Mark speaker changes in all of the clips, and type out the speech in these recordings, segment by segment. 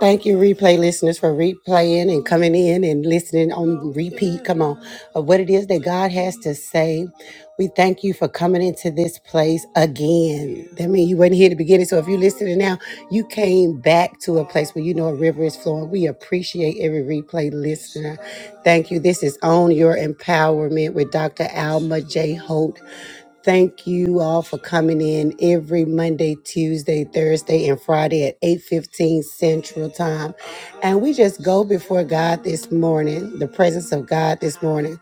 Speaker 1: Thank you, replay listeners, for replaying and coming in and listening on repeat. Come on, of what it is that God has to say. We thank you for coming into this place again. That means you weren't here at the beginning. So if you're listening now, you came back to a place where you know a river is flowing. We appreciate every replay listener. Thank you. This is On Your Empowerment with Dr. Alma J. Holt. Thank you all for coming in every Monday, Tuesday, Thursday, and Friday at 8:15 Central Time. And we just go before God this morning, the presence of God this morning,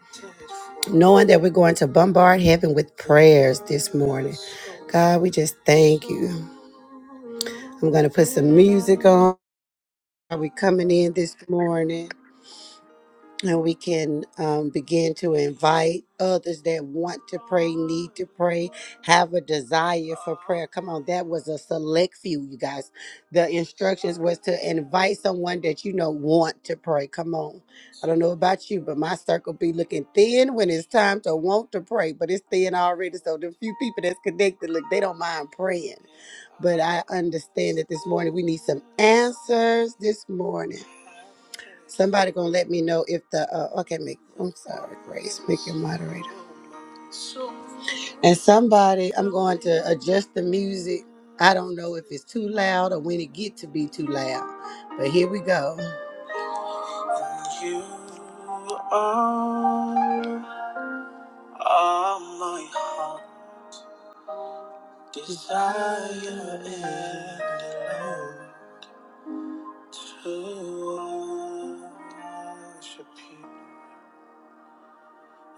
Speaker 1: knowing that we're going to bombard heaven with prayers this morning. God, we just thank you. I'm going to put some music on. Are we coming in this morning? and we can um, begin to invite others that want to pray, need to pray, have a desire for prayer. Come on, that was a select few, you guys. The instructions was to invite someone that you know want to pray. Come on, I don't know about you, but my circle be looking thin when it's time to want to pray, but it's thin already. So the few people that's connected, look, they don't mind praying. But I understand that this morning we need some answers this morning. Somebody gonna let me know if the uh, okay. Make I'm sorry, Grace. Make your moderator. And somebody, I'm going to adjust the music. I don't know if it's too loud or when it get to be too loud, but here we go. You are, are my heart desire to worship you.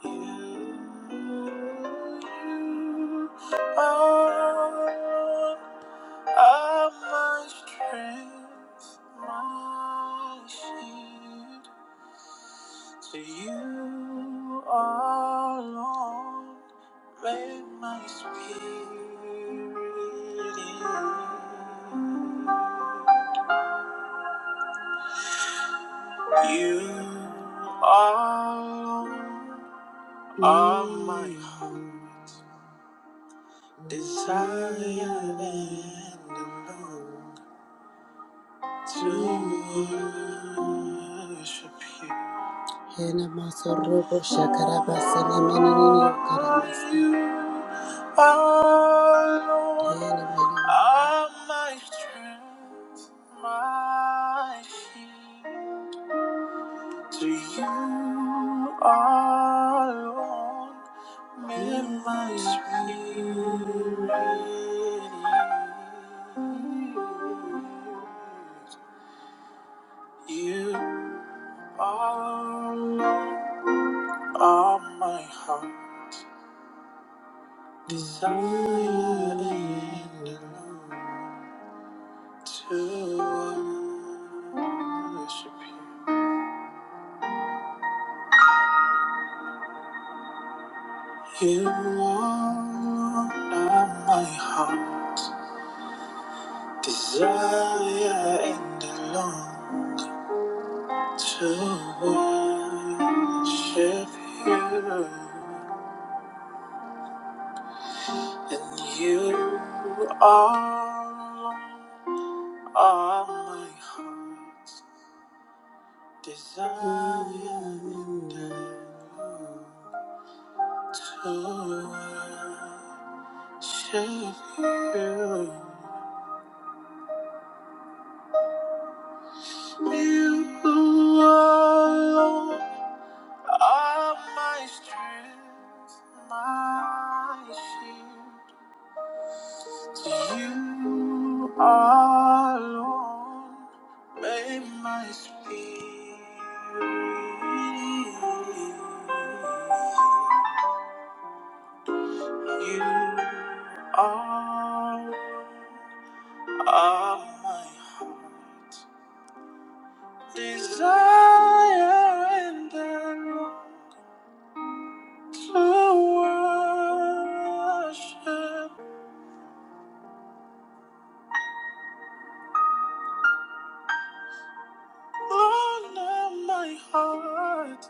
Speaker 1: You are are my strength, my shield. To you alone make my spirit. yield. You alone are my heart. Desire and long to worship you. Hena masorobo shakarabasa nemenenene ukarabasa. Oh, Lord, are my strength, my shield. To you alone, may my spirit You alone are my heart, desiring to worship you. You alone are my heart. Desire and the long to worship you, and you are, are my heart's desire and the long to worship you. You are alone All my strength, my shield, you alone made my spirit. You are are my heart, desire and I the to worship. All of my heart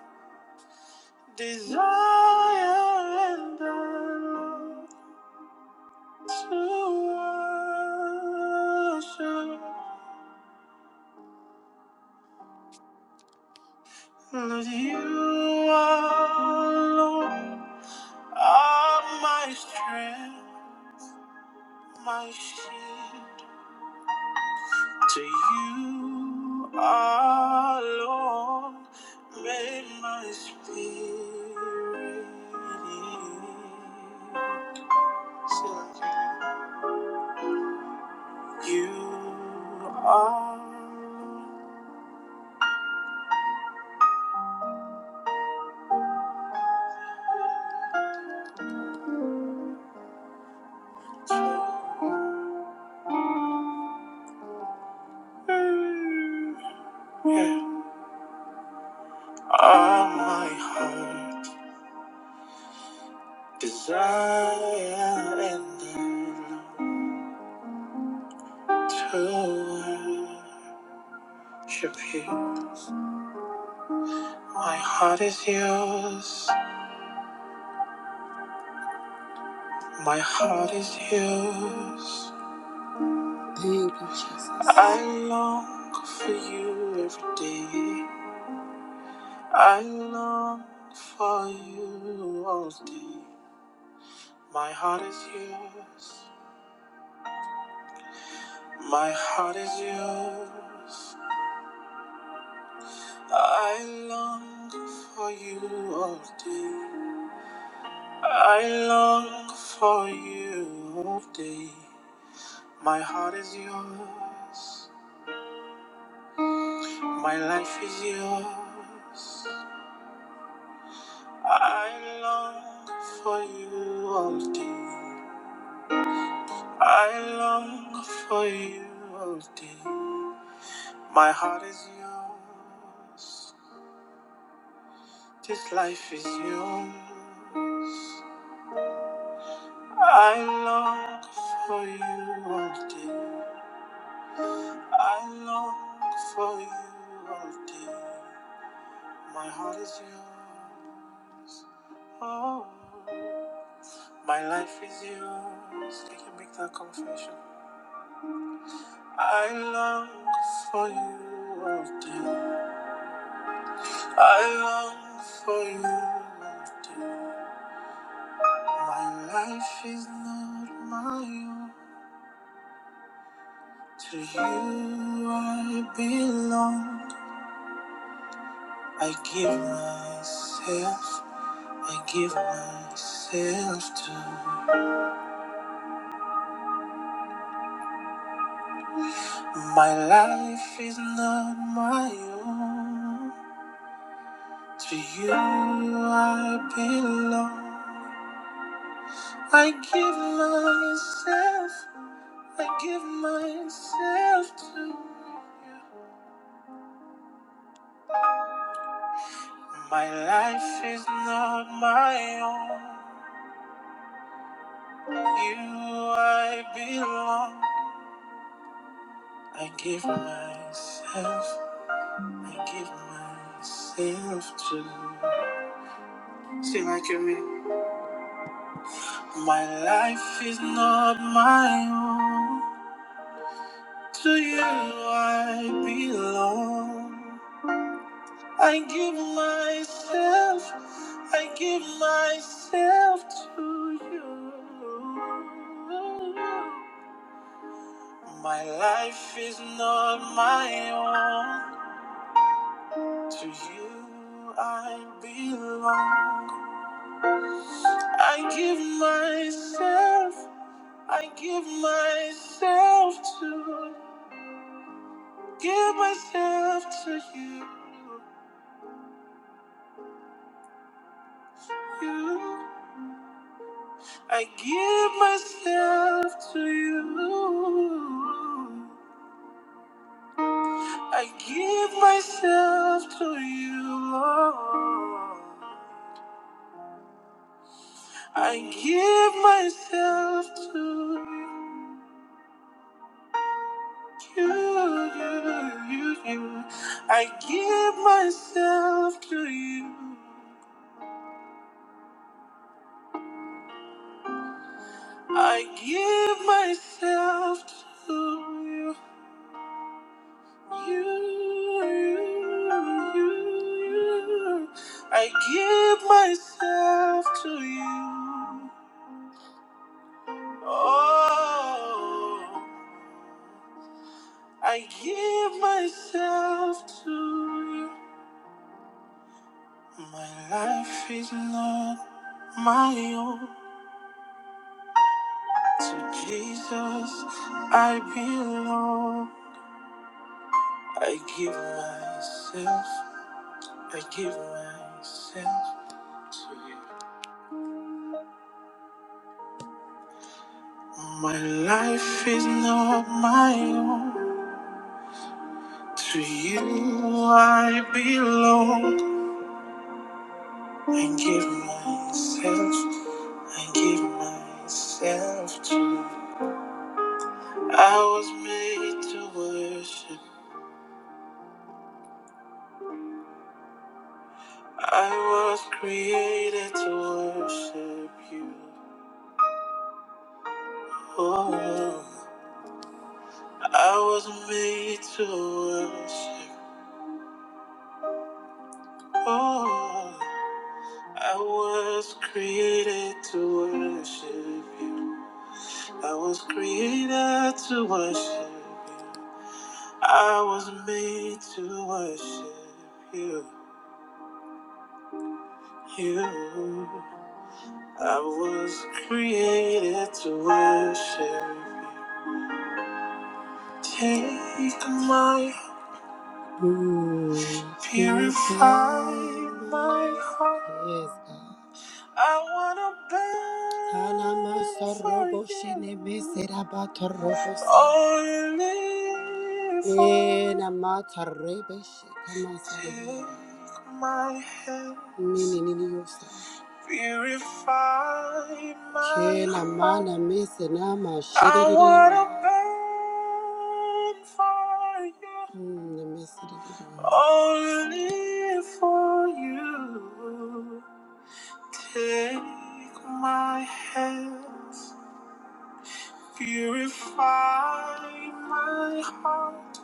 Speaker 1: desire and burn to worship Lord, you alone are my strength, my shield. To you alone made my spirit. yield. Sing it again. You are all my heart desire and I to worship you. My heart is yours. My heart is yours. Thank you, Jesus. I long for you every day. I long for you all day. My heart is yours. My heart is yours. I long for you all day. I long for you all day. My heart is yours. My life is yours. I long for you all day. I long for you all day. My heart is yours. This life is yours. I long for you all day. I long for you all day. My heart is yours. Oh, my life is yours. They can make that confession. I long for you all day. I long for you all day. My life is not my own. To you I belong. I give myself, I give myself to. you. My life is not my own. To you I belong. I give myself, I give myself to. you. My life is not my own. You, I belong. I give myself, I give myself to you. Sing like you mean. My life is not my own. To you, I belong. I give myself, I give myself to you. My life is not my own. To you I belong. I give myself, I give myself to, give myself to you. you. I give myself to you. I give myself to you, Lord. I give myself to you. you, you, you. you. I give myself to you. I give myself to you. You, you, you, you. I give myself to you. Oh, I give myself to you. My life is not my own. To Jesus, I belong. I give myself, I give myself to you. My life is not my own. To you, I belong. I give myself, I give myself to you. I was made to worship. I was created to worship you. Oh. I wasn't made to worship. Oh, I was created to worship you. I was created to worship you. I was made to worship you. You. I was created to worship you. Take my heart, purify my heart. Yes, God. I wanna burn for you. Only for you. Take my hand. purify my heart. I wanna burn for you. Only for you. Take my hands, purify my heart.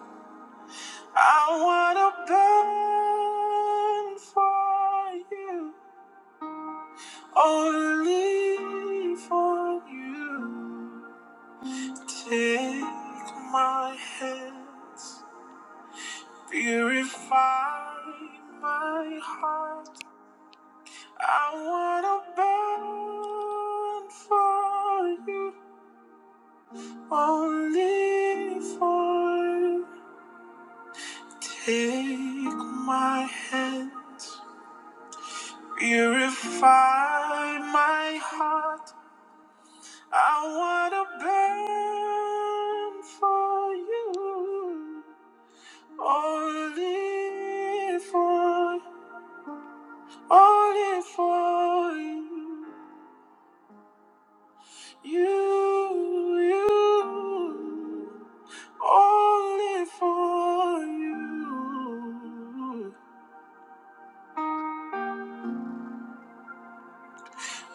Speaker 1: I wanna burn for you, only for you. Take my hands, purify my heart. I wanna burn for you. Only for take my hands, purify my heart. I wanna burn for you. Only for, only for you, you, you only for you.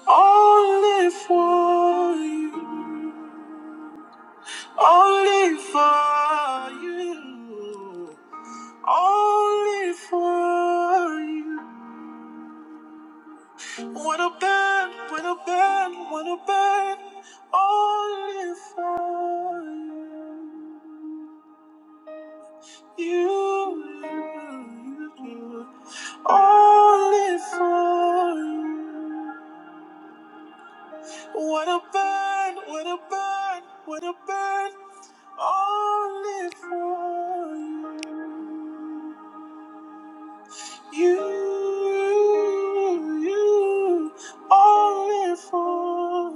Speaker 1: Only for you. Only for you. Only for you. What a band, what a band, what a band. Only for you. You, you, you. Only for you. What a burn, what a burn, what a burn, only for you, you, only for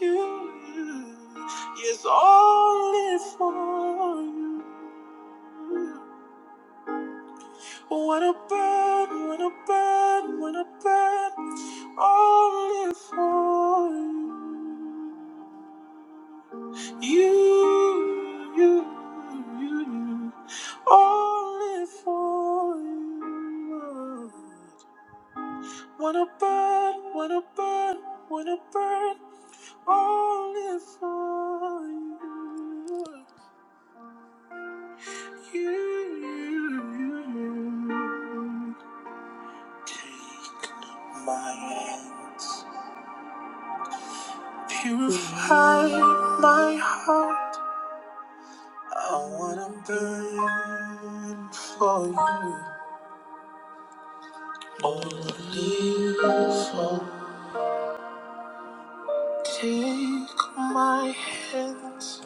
Speaker 1: you, you, yes, only for you. What a burn, what a burn, what a burn, only for you. You, you, you, you, only for you. Wanna burn, wanna burn, wanna burn, only for you. You, you, you, take my hands, purify my heart. I wanna burn for you. Holy Father, take my hands,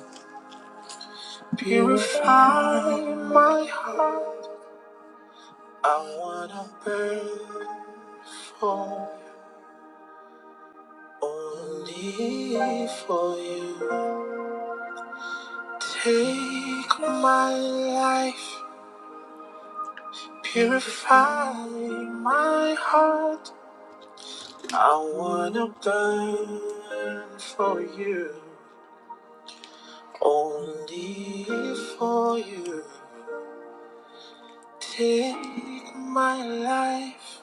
Speaker 1: purify my heart. I wanna burn for only for you. Take my life, purify my heart. I wanna burn for you. Only for you. Take my life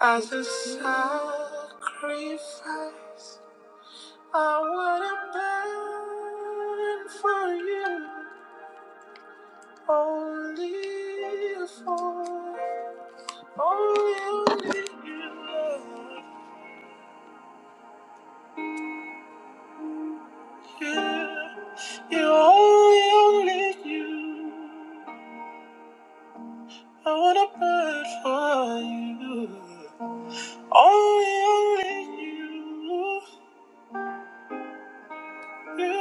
Speaker 1: as a sacrifice. I wanna burn for you. Only for only, only you. Lord. You, you only, only you. I wanna burn for you. Only only you, you, you,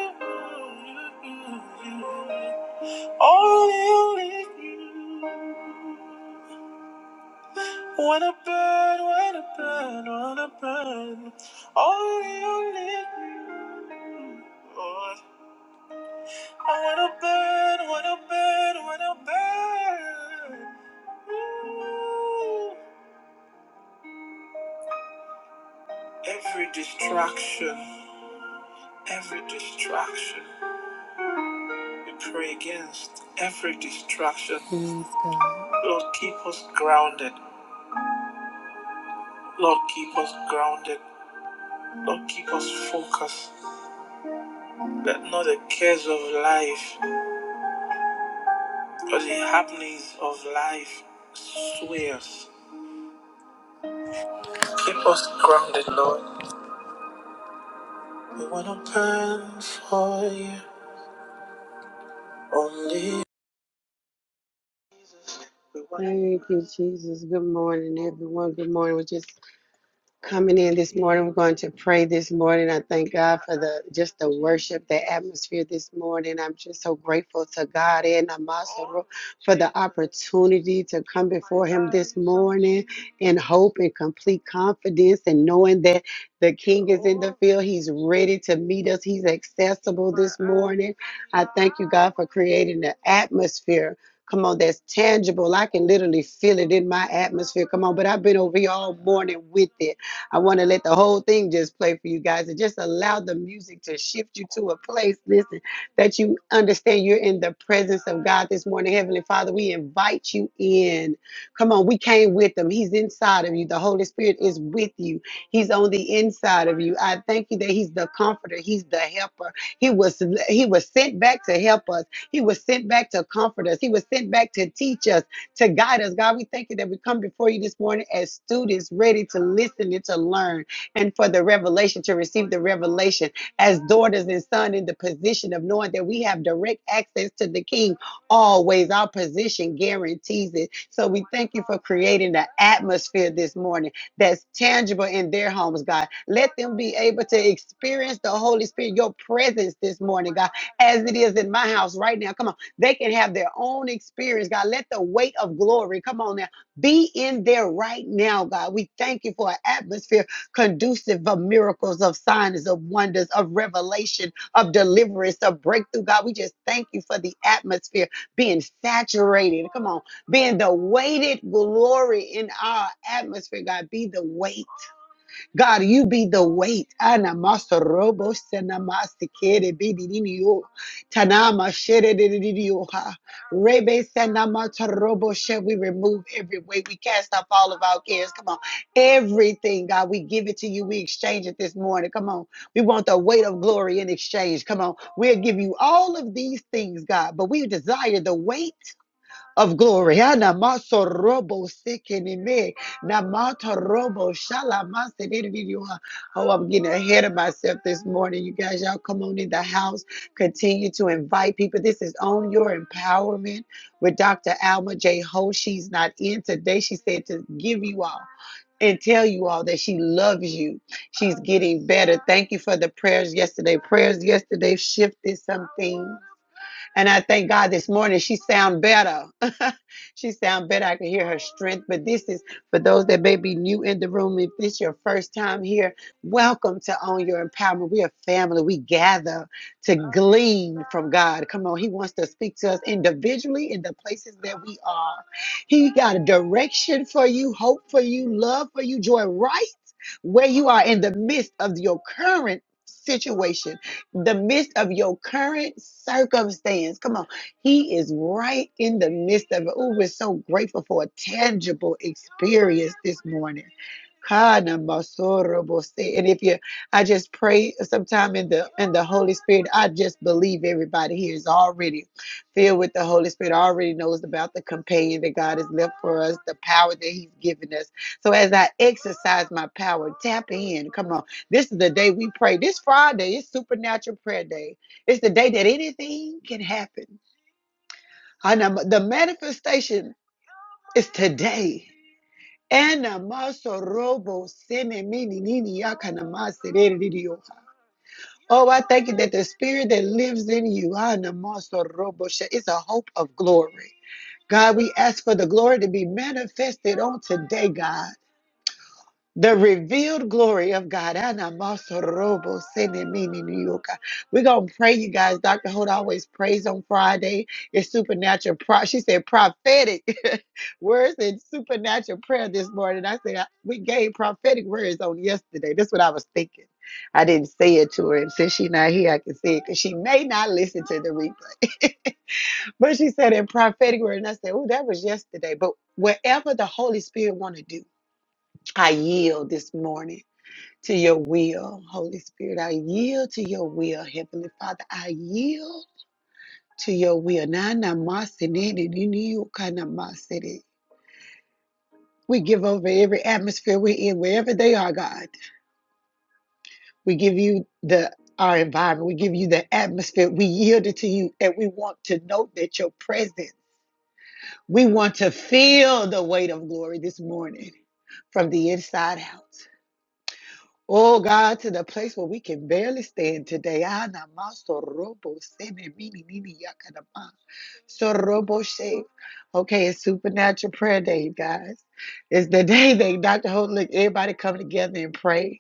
Speaker 1: you. Only only you. Wanna burn, wanna burn, wanna burn. Only, only you, Lord. I wanna burn, wanna burn, wanna burn. Ooh. Every distraction, every distraction. We pray against every distraction. Yes, God. Lord, keep us grounded. Lord, keep us grounded. Lord, keep us focused. Let not the cares of life or the happenings of life sway us. Keep us grounded, Lord. We want to burn for you only. We want Thank you, Jesus. Good morning, everyone. Good morning. We just coming in this morning. We're going to pray this morning. I thank God for the just the worship, the atmosphere this morning. I'm just so grateful to God and Amasaro for the opportunity to come before Him this morning in hope and complete confidence and knowing that the King is in the field. He's ready to meet us. He's accessible this morning. I thank you, God, for creating the atmosphere. Come on, that's tangible. I can literally feel it in my atmosphere. Come on, but I've been over here all morning with it. I want to let the whole thing just play for you guys and just allow the music to shift you to a place, listen, that you understand you're in the presence of God this morning. Heavenly Father, we invite you in. Come on, we came with him. He's inside of you. The Holy Spirit is with you. He's on the inside of you. I thank you that he's the comforter, he's the helper. He was he was sent back to help us. He was sent back to comfort us. He was sent back to teach us to guide us. God, we thank you that we come before you this morning as students ready to listen and to learn and for the revelation, to receive the revelation as daughters and sons in the position of knowing that we have direct access to the King always. Our position guarantees it. So we thank you for creating the atmosphere this morning that's tangible in their homes, God. Let them be able to experience the Holy Spirit, your presence this morning, God, as it is in my house right now. Come on. They can have their own experience, God. Let the weight of glory come on now. Be in there right now, God. We thank you for an atmosphere conducive of miracles, of signs, of wonders, of revelation, of deliverance, of breakthrough, God. We just thank you for the atmosphere being saturated. Come on, being the weighted glory in our atmosphere, God. Be the weight. God, you be the weight. Ana masa robo sena masa kere bidi nini yo. Tanama shere de de de de yo ha. Rebe sena mata robo she. We remove every weight. We cast off all of our cares. Come on. Everything, God, we give it to you. We exchange it this morning. Come on. We want the weight of glory in exchange. Come on. We'll give you all of these things, God, but we desire the weight of glory. Ah, namaso robo sekeneme, namato robo shalama senenvidiwa. Oh, I'm getting ahead of myself this morning. You guys, y'all come on in the house. Continue to invite people. This is on your empowerment with Dr. Alma J. Ho. She's not in today. She said to give you all. And tell you all that she loves you. She's getting better. Thank you for the prayers yesterday. Prayers yesterday shifted something. And I thank God this morning she sound better. she sound better. I can hear her strength. But this is for those that may be new in the room. If this is your first time here, welcome to On Your Empowerment. We are family. We gather to glean from God. Come on, He wants to speak to us individually in the places that we are. He got a direction for you, hope for you, love for you, joy right where you are in the midst of your current situation the midst of your current circumstance. Come on. He is right in the midst of it. Oh, we're so grateful for a tangible experience this morning. Kana masoro bose. And if you, I just pray sometime in the in the Holy Spirit. I just believe everybody here is already filled with the Holy Spirit. Already knows about the companion that God has left for us, the power that He's given us. So as I exercise my power, tap in. Come on. This is the day we pray. This Friday is supernatural prayer day. It's the day that anything can happen. And um, the manifestation is today. Oh, I thank you that the spirit that lives in you ana is a hope of glory. God, we ask for the glory to be manifested on today, God. The revealed glory of God. Anamasorobo senemini nioka. We're going to pray, you guys. Dr. Hood always prays on Friday. It's supernatural. Pro- she said prophetic words and supernatural prayer this morning. I said, I- we gave prophetic words on yesterday. That's what I was thinking. I didn't say it to her. And since she's not here, I can say it because she may not listen to the replay. but she said in prophetic word, and I said, oh, that was yesterday. But whatever the Holy Spirit want to do, I yield this morning to your will. Holy Spirit, I yield to your will. Heavenly Father, I yield to your will. Na na ma se ne de ni ni yo ka na ma se de. We give over every atmosphere we're in, wherever they are, God. We give you the our environment. We give you the atmosphere. We yield it to you and we want to know that your presence. We want to feel the weight of glory this morning from the inside out. Oh God, to the place where we can barely stand today. Ana maso robo sene mini nini yakadama. So robo she. Okay, it's supernatural prayer day, you guys. It's the day that Dr. Holt, look, everybody come together and pray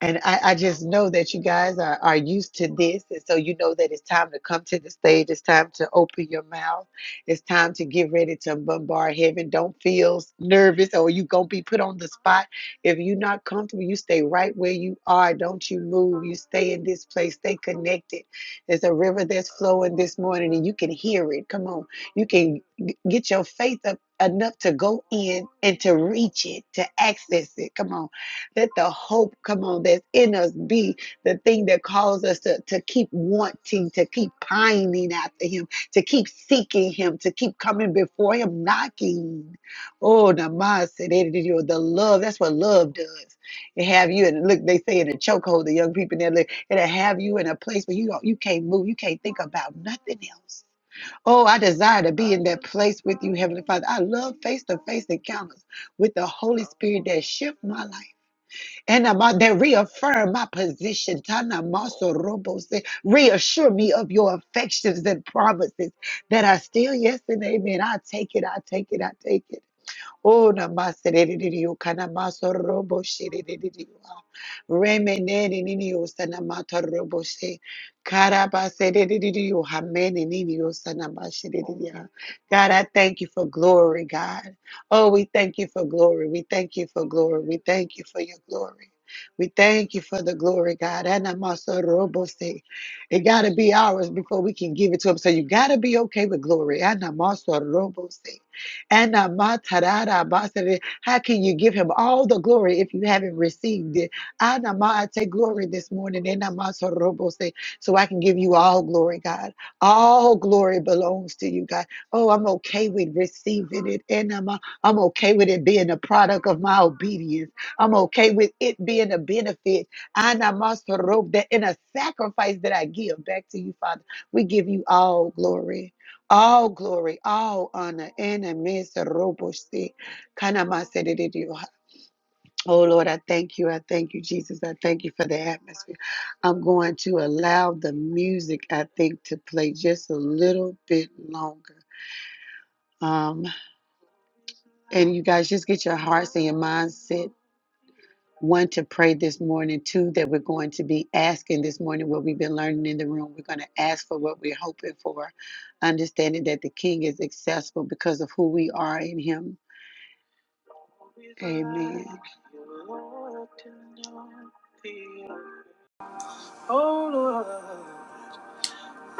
Speaker 1: and I, I just know that you guys are, are used to this. And so you know that it's time to come to the stage. It's time to open your mouth. It's time to get ready to bombard heaven. Don't feel nervous or you going to be put on the spot. If you're not comfortable, you stay right where you are. Don't you move. You stay in this place. Stay connected. There's a river that's flowing this morning and you can hear it. Come on. You can g- get your faith up enough to go in and to reach it, to access it. Come on let the hope, come on, that's in us be the thing that calls us to, to keep wanting, to keep pining after Him, to keep seeking Him, to keep coming before Him, knocking. Oh, the mindset, the love. That's what love does. It have you, and look, they say in a chokehold, the young people, they're like, it'll have you in a place where you, don't- you can't move, you can't think about nothing else. Oh, I desire to be in that place with you, Heavenly Father. I love face to face encounters with the Holy Spirit that shift my life. And i about that reaffirm my position. Tana Maso Robo said, reassure me of your affections and promises that are still yes and amen. I take it, I take it, I take it. Oh, namasererereo kana masorobo shererereo. Remenerereo sana matorobo she. Karabasererereo hamenerereo sana mashererereo. God, I thank you for glory, God. Oh, we thank you for glory. We thank you for glory. We thank you for your glory. We thank you for the glory, God. Ana masorobo se. It got to be ours before we can give it to him. So you got to be okay with glory. Ana masorobo se. And uh, ma tarara ba sere. How can you give him all the glory if you haven't received it? Ana ma, I take glory this morning. Ena ma sorobo se. So I can give you all glory, God. All glory belongs to you, God. Oh, I'm okay with receiving it. Ena ma, I'm okay with it being a product of my obedience. I'm okay with it being a benefit. Ana ma sorobo, that In a sacrifice that I give back to you, Father, we give you all glory. All glory, all honor, and a miserable Oh Lord, I thank you. I thank you, Jesus. I thank you for the atmosphere. I'm going to allow the music, I think, to play just a little bit longer. Um, and you guys just get your hearts and your minds set. One, to pray this morning. Two, that we're going to be asking this morning what we've been learning in the room. We're going to ask for what we're hoping for, understanding that the King is accessible because of who we are in Him Amen. Oh Lord,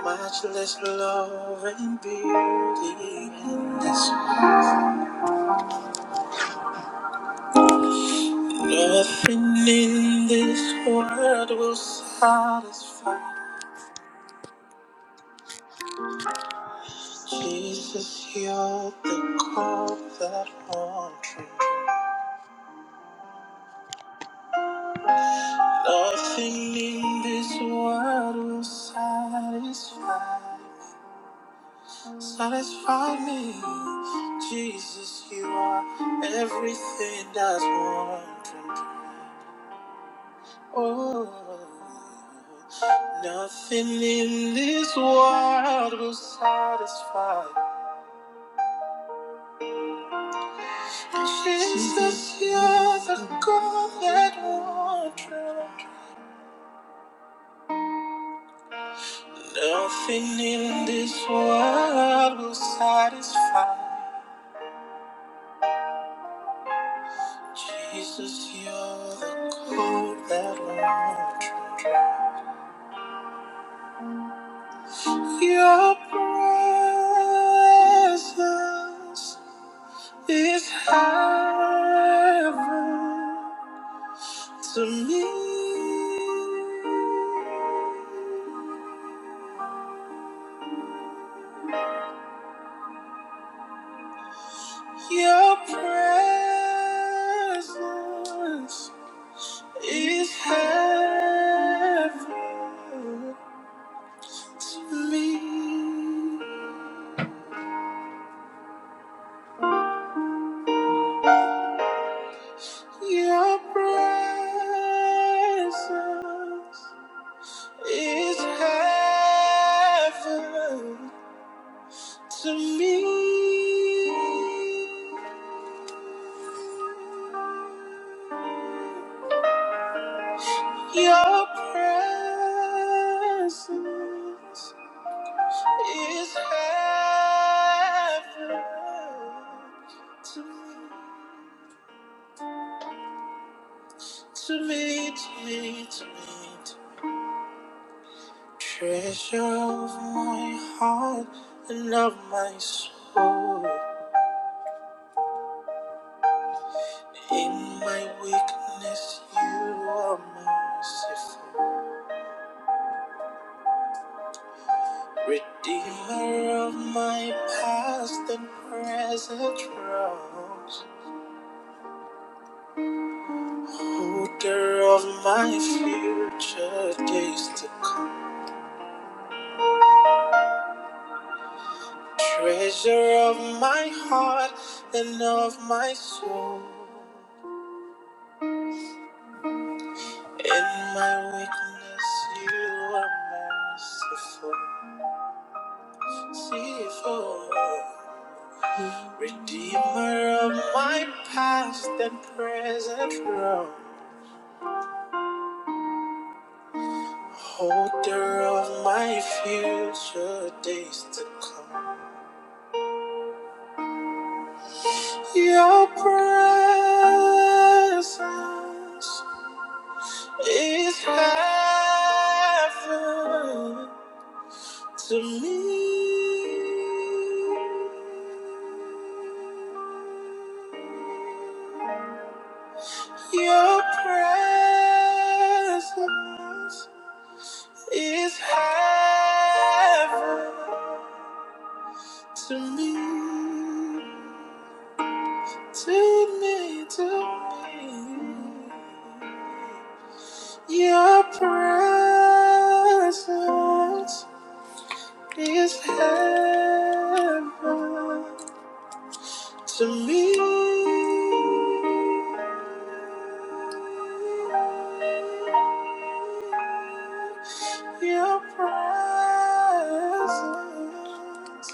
Speaker 1: much less love and beauty in this. Nothing in this world will satisfy. Jesus, you're the cup that won't drink. Nothing in this world will satisfy. Satisfy me, Jesus, you are everything that's wanting. Oh, nothing in this world will satisfy. Jesus, you're the God that wanted. Nothing in this world will satisfy. Jesus, you're the God that wanted. Your presence is heaven to me. Your presence is heaven to me. Your presence is heaven to me. Your presence is heaven to me, to me, to me, to me. Treasure of my heart and of my soul. In my weakness, you are merciful. Redeemer of my past and present troubles, holder of my future days to come, treasure of my heart and of my soul. In my weakness, you are merciful, merciful. Redeemer of my past and present troubles. Holder of my future days to come. Your presence is heaven to me. Your presence is heaven to me. Take me to me. Your presence is heaven to me. Your presence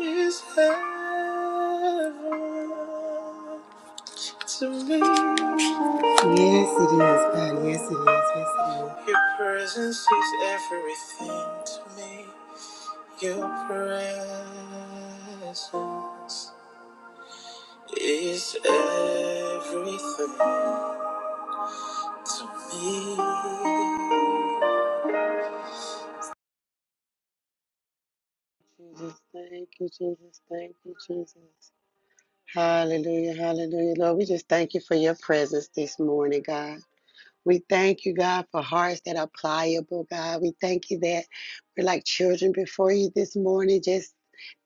Speaker 1: is heaven to me. Yes, it is, God. Yes, it is. Yes, it is. Your presence is everything to me. Your presence is everything to me. Jesus, thank you, Jesus. Thank you, Jesus. Hallelujah, hallelujah. Lord, we just thank you for your presence this morning, God. We thank you, God, for hearts that are pliable, God. We thank you that we're like children before you this morning, just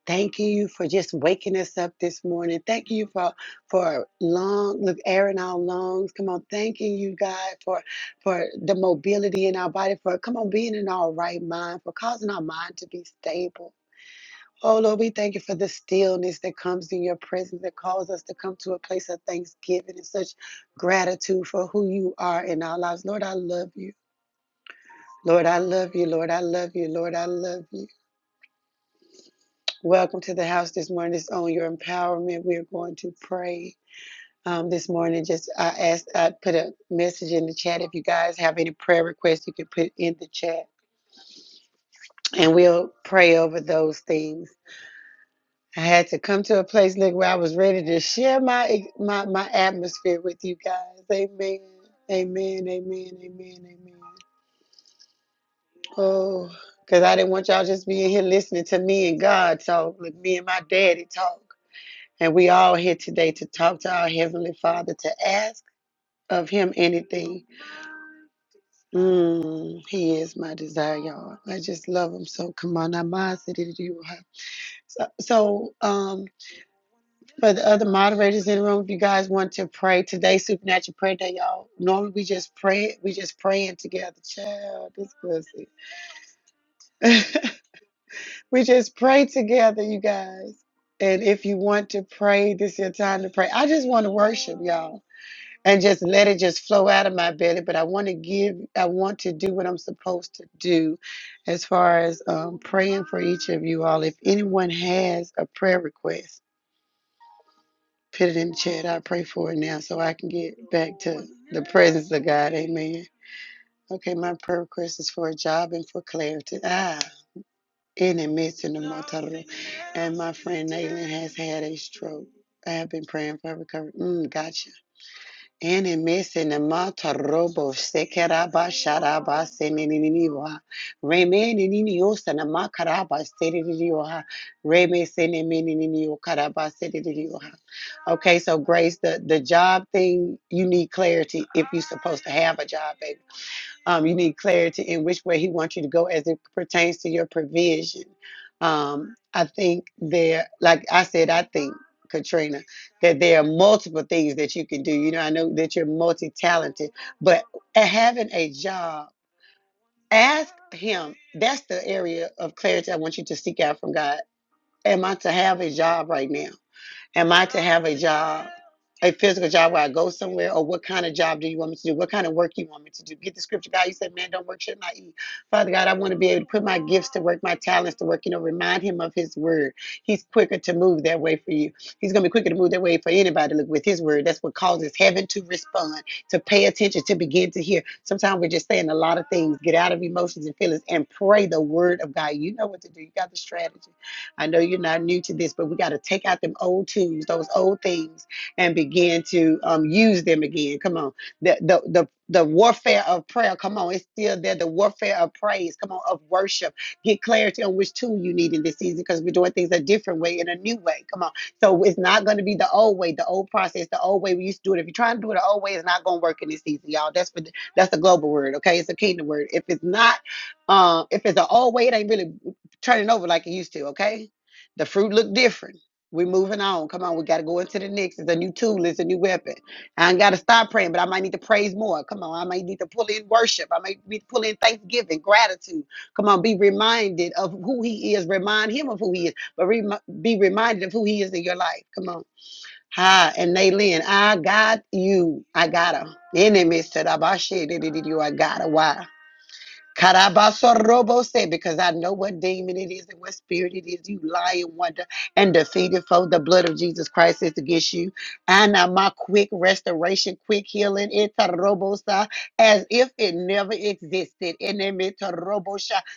Speaker 1: thanking you for just waking us up this morning. Thank you for for long look air in our lungs. Come on, thanking you, God, for for the mobility in our body, for come on, being in our right mind, for causing our mind to be stable. Oh Lord, we thank you for the stillness that comes in your presence that calls us to come to a place of thanksgiving and such gratitude for who you are in our lives. Lord, I love you. Lord, I love you. Lord, I love you. Lord, I love you. Welcome to the house this morning. It's on your empowerment. We are going to pray. Um, this morning, just I asked, I put a message in the chat. If you guys have any prayer requests, you can put it in the chat, and we'll pray over those things. I had to come to a place, Nick, where I was ready to share my e, my my atmosphere with you guys. Amen. Amen. Amen. Amen. Amen. Oh, because I didn't want y'all just being here listening to me and God talk, like me and my daddy talk. And we all here today to talk to our Heavenly Father, to ask of Him anything. Mm, he is my desire, y'all. I just love Him. So come on, I'm so, so um, For the other moderators in the room, if you guys want to pray today, supernatural prayer day, y'all. Normally we just pray, we just praying together. Child, this pussy. we just pray together, you guys. And if you want to pray, this is your time to pray. I just want to worship y'all and just let it just flow out of my belly. But I want to give, I want to do what I'm supposed to do as far as um, praying for each of you all. If anyone has a prayer request, Put it in the chat. I pray for it now so I can get back to the presence of God. Amen. Okay, my prayer request is for a job and for clarity. Ah, in the midst of the motor. And my friend Naylin has had a stroke. I have been praying for her recovery. Mm, gotcha. Enemesenema tarobo sekeraba sharaba senenininiwa. Remeninio sanama karaba seririwa. Remesenemeninio karaba seririwa. Okay, so Grace, the, the job thing, you need clarity if you're supposed to have a job, baby um, you need clarity in which way He wants you to go as it pertains to your provision. Um, I think there, like I said, I think, Katrina, that there are multiple things that you can do. You know, I know that you're multi talented, but having a job, ask Him. That's the area of clarity I want you to seek out from God. Am I to have a job right now? Am I to have a job, a physical job where I go somewhere, or what kind of job do you want me to do? What kind of work you want me to do? Get the scripture, God. You said, "Man, don't work, should not eat." Father God, I want to be able to put my gifts to work, my talents to work. You know, remind Him of His word. He's quicker to move that way for you. He's gonna be quicker to move that way for anybody. Look with His word. That's what causes heaven to respond, to pay attention, to begin to hear. Sometimes we're just saying a lot of things. Get out of emotions and feelings and pray the word of God. You know what to do. You got the strategy. I know you're not new to this, but we got to take out them old tools, those old things, and begin to um, use them again. Come on. The, the, the, the warfare of prayer, come on, it's still there. The warfare of praise, come on, of worship. Get clarity on which tool you need in this season because we're doing things a different way, in a new way. Come on. So it's not going to be the old way, the old process, the old way we used to do it. If you're trying to do it the old way, it's not going to work in this season, y'all. That's for the, that's the global word, okay? It's a kingdom word. If it's not, um, if it's the old way, it ain't really. Turning over like it used to, okay? The fruit look different. We're moving on. Come on, we gotta go into the next. It's a new tool, it's a new weapon. I ain't gotta stop praying, but I might need to praise more. Come on, I might need to pull in worship. I might need to pull in thanksgiving, gratitude. Come on, be reminded of who he is. Remind him of who he is, but remi- be reminded of who he is in your life. Come on. Hi, and Naylin, I got you. I got her. In the midst of that, I got her. Why? Karabaso said, because I know what demon it is and what spirit it is. You lying wonder and defeated foe. The blood of Jesus Christ is against you. And now my quick restoration, quick healing, Itarobosa, as if it never existed. And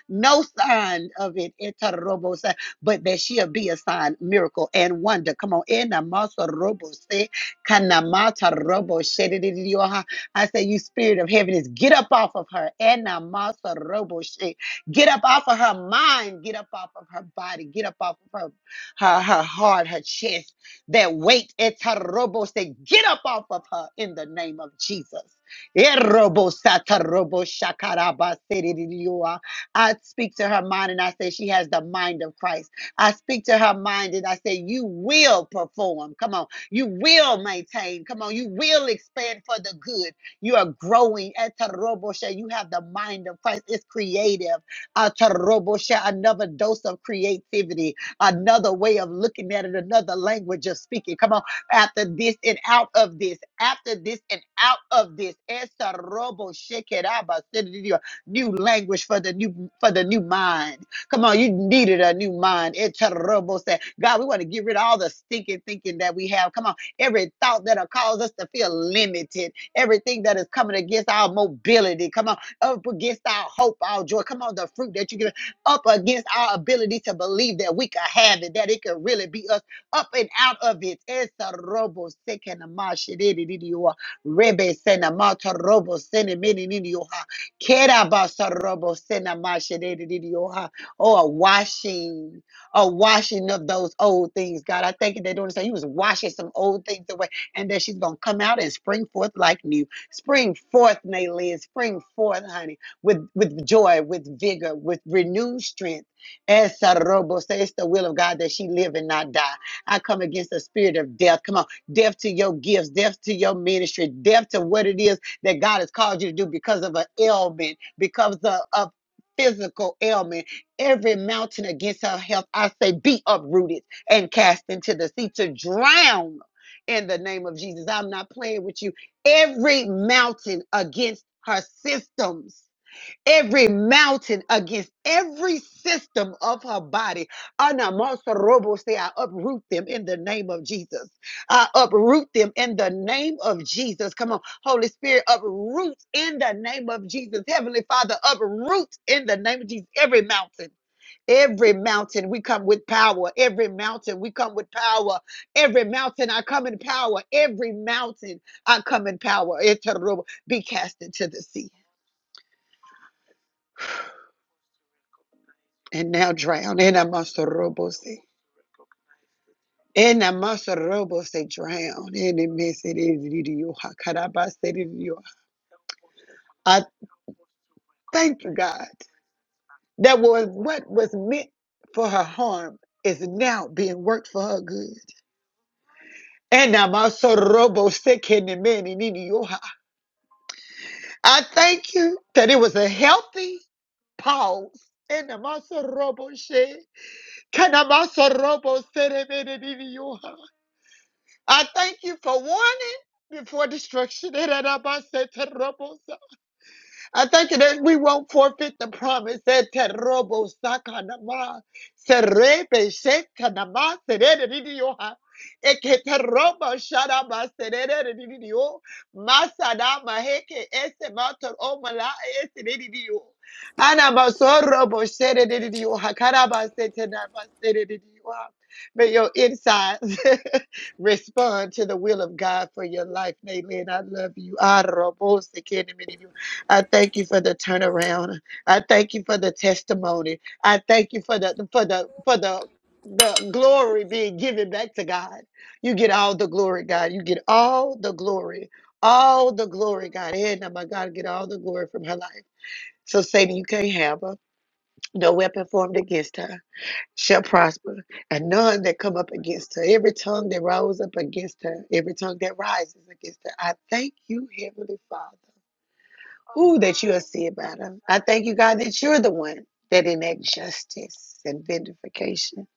Speaker 1: no sign of it, Itarobosa, but that she'll be a sign, miracle, and wonder. Come on, in Robo said, Kanamata I say, You spirit of heaviness, get up off of her. And Masa Robo She. Get up off of her mind. Get up off of her body. Get up off of her, her, her heart, her chest. That weight, Eta Robo She. Get up off of her in the name of Jesus. Eh, Robo Sata Robo Shakaraba Seririyoa. I speak to her mind and I say, She has the mind of Christ. I speak to her mind and I say, You will perform. Come on. You will maintain. Come on. You will expand for the good. You are growing. Etaroboshe. You have the mind of Christ. It's creative. Ataroboshe. Another dose of creativity, another way of looking at it, another language of speaking. Come on. After this and out of this, after this and out of this. Etaroboshe keraba. New language for the new for the new mind. Come on, you needed a new mind. It's terrible. Say, God, we want to get rid of all the stinking thinking that we have. Come on, every thought that'll cause us to feel limited everything that is coming against our mobility. Come on, up against our hope, our joy. Come on, the fruit that you give up against our ability to believe that we could have it, that it could really be us up and out of it. Esa robo sekenama shididididioa, rebe senamata robo senemenididioha, kerabasa robo senama shididididioha. Oh, a washing, a washing of those old things, God. I thank you. They're doing the same. He was washing some old things away and that she's going to come out and spring forth like new. Spring forth, Naylin. Spring forth, honey, with, with joy, with vigor, with renewed strength. As Sarobo says, it's the will of God that she live and not die. I come against the spirit of death. Come on, death to your gifts, death to your ministry, death to what it is that God has called you to do because of an ailment, because of, of physical ailment. Every mountain against her health, I say, be uprooted and cast into the sea to drown in the name of Jesus. I'm not playing with you. Every mountain against her systems, every mountain against every system of her body. Anamasarobo say, I uproot them in the name of Jesus. I uproot them in the name of Jesus. Come on, Holy Spirit, uproot in the name of Jesus. Heavenly Father, uproot in the name of Jesus every mountain. Every mountain we come with power. Every mountain we come with power. Every mountain I come in power. Every mountain I come in power. Etorobo, Be cast into the sea and now drown. In a masorobo sea. In a masorobo say drown. In a mesiriyoha. Karabasiriyoha. I thank you, God, that was what was meant for her harm is now being worked for her good. And now my sorobo sick in the many I thank you that it was a healthy pause. In the Masarobo shed, Kanamasarobo said it in it in your heart. I thank you for warning before destruction. In the Namasarobo I thank you that we won't forfeit the promise. that te robo sakanama, serebe shekanama, serererioha, eke te robo sharama, serererio, masadama heke ese mator omala ese rerio. Anama sorobo serererioha, karaba setenama serererioha. May your insides respond to the will of God for your life, Naylin. I love you. I robo sekenemini. I thank you for the turnaround. I thank you for the testimony. I thank you for the for the for the the glory being given back to God. You get all the glory, God. You get all the glory. All the glory, God. And now my God, get all the glory from her life. So Satan, you can't have her. No weapon formed against her shall prosper. And none that come up against her. Every tongue that rose up against her, every tongue that rises against her. I thank you, Heavenly Father. Ooh, that you are see about them. I thank you, God, that you're the one that enact justice and vindication.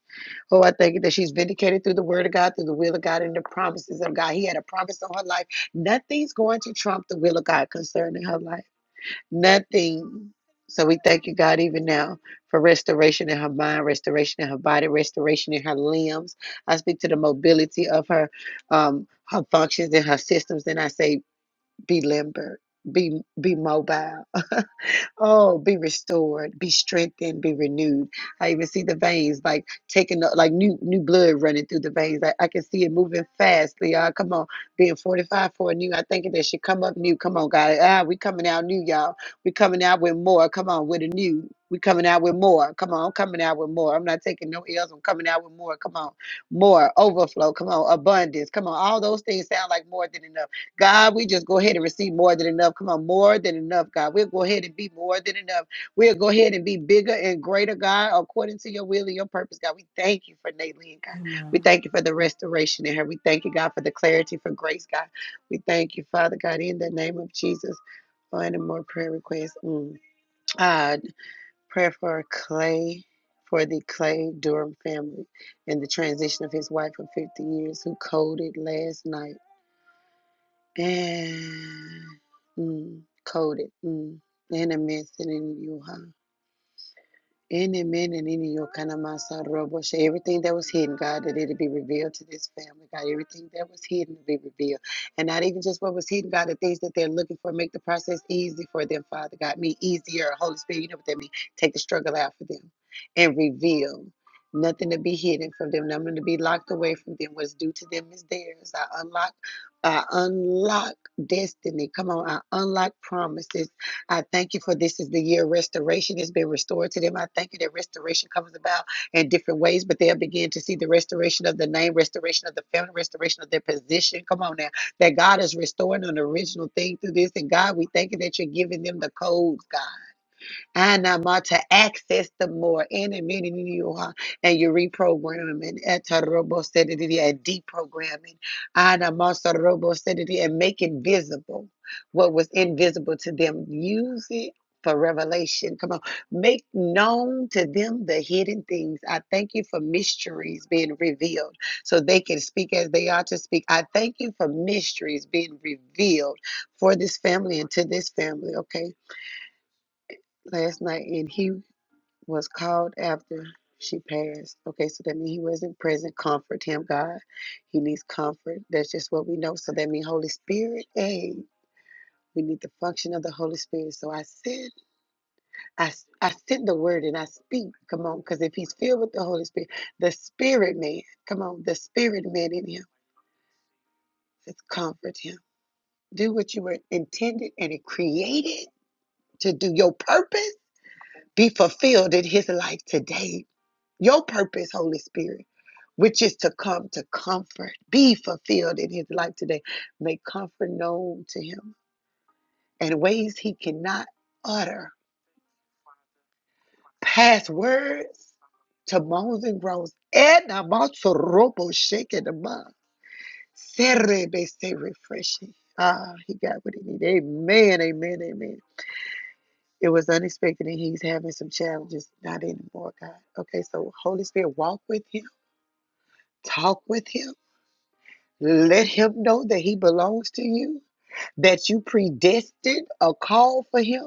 Speaker 1: Oh, I thank you that she's vindicated through the word of God, through the will of God, and the promises of God. He had a promise on her life. Nothing's going to trump the will of God concerning her life. Nothing. So we thank you, God, even now for restoration in her mind, restoration in her body, restoration in her limbs. I speak to the mobility of her, um, her functions and her systems, and I say, be limber, be be mobile. Oh, be restored, be strengthened, be renewed. I even see the veins like taking the, like new new blood running through the veins. I, I can see it moving fast, y'all. Come on, being fortified for a new. I think that should come up new. Come on, God. Ah, we coming out new, y'all. We coming out with more. Come on, with a new. We coming out with more. Come on, I'm coming out with more. I'm not taking no L's. I'm coming out with more. Come on, more overflow. Come on, abundance. Come on, all those things sound like more than enough. God, we just go ahead and receive more than enough. Come on, more than enough, God. We'll go ahead and be more than enough. We'll go ahead and be bigger and greater, God, according to your will and your purpose, God. We thank you for Naylene, God. We
Speaker 2: Amen.
Speaker 1: thank you for the
Speaker 2: Amen.
Speaker 1: restoration in her. We thank you, God, for the clarity, for grace, God. We thank you, Father God, in the name of Jesus. Oh, any more prayer requests? Mm. Uh, prayer for Clay, for the Clay Durham family and the transition of his wife of 50 years who coded last night and mm, coded mm, and a mess in you, huh? Any man and any your kind of masa robo shay. Everything that was hidden, God, that it would be revealed to this family, God. Everything that was hidden will be revealed. And not even just what was hidden, God, the things that they're looking for. Make the process easy for them, Father God. Me easier. Holy Spirit, you know what that means. Take the struggle out for them and reveal. Nothing to be hidden from them, nothing to be locked away from them. What's due to them is theirs. I unlock, I unlock destiny. Come on, I unlock promises. I thank you for this is the year of restoration. It's been restored to them. I thank you that restoration comes about in different ways, but they'll begin to see the restoration of the name, restoration of the family, restoration of their position. Come on now. That God is restoring an original thing through this. And God, we thank you that you're giving them the codes, God. Anama to access the more in and many many you are, and you're reprogramming. reprogramming etarobosedity, and deprogramming Anamasarobosedity, and making visible what was invisible to them. Use it for revelation. Come on. Make known to them the hidden things. I thank you for mysteries being revealed so they can speak as they ought to speak. I thank you for mysteries being revealed for this family and to this family. Okay last night in Hugh was called after she passed. Okay, so that means he wasn't present. Comfort him, God. He needs comfort. That's just what we know. So that means Holy Spirit, hey, we need the function of the Holy Spirit. So I said, I I send the word and I speak. Come on, because if he's filled with the Holy Spirit, the spirit man, come on, the spirit man in him, just comfort him. Do what you were intended and created to do your purpose. Be fulfilled in his life today Your purpose, Holy Spirit, which is to come to comfort, be fulfilled in his life today. Make comfort known to him in ways he cannot utter. Past words to moans and groans. And I'm also robo shaking the mind. Serebe say refreshing. Ah, he got what he needed. Amen, amen, amen. It was unexpected and he's having some challenges. Not anymore, God. Okay, so Holy Spirit, walk with him, talk with him Let him know that he belongs to you, that you predestined a call for him,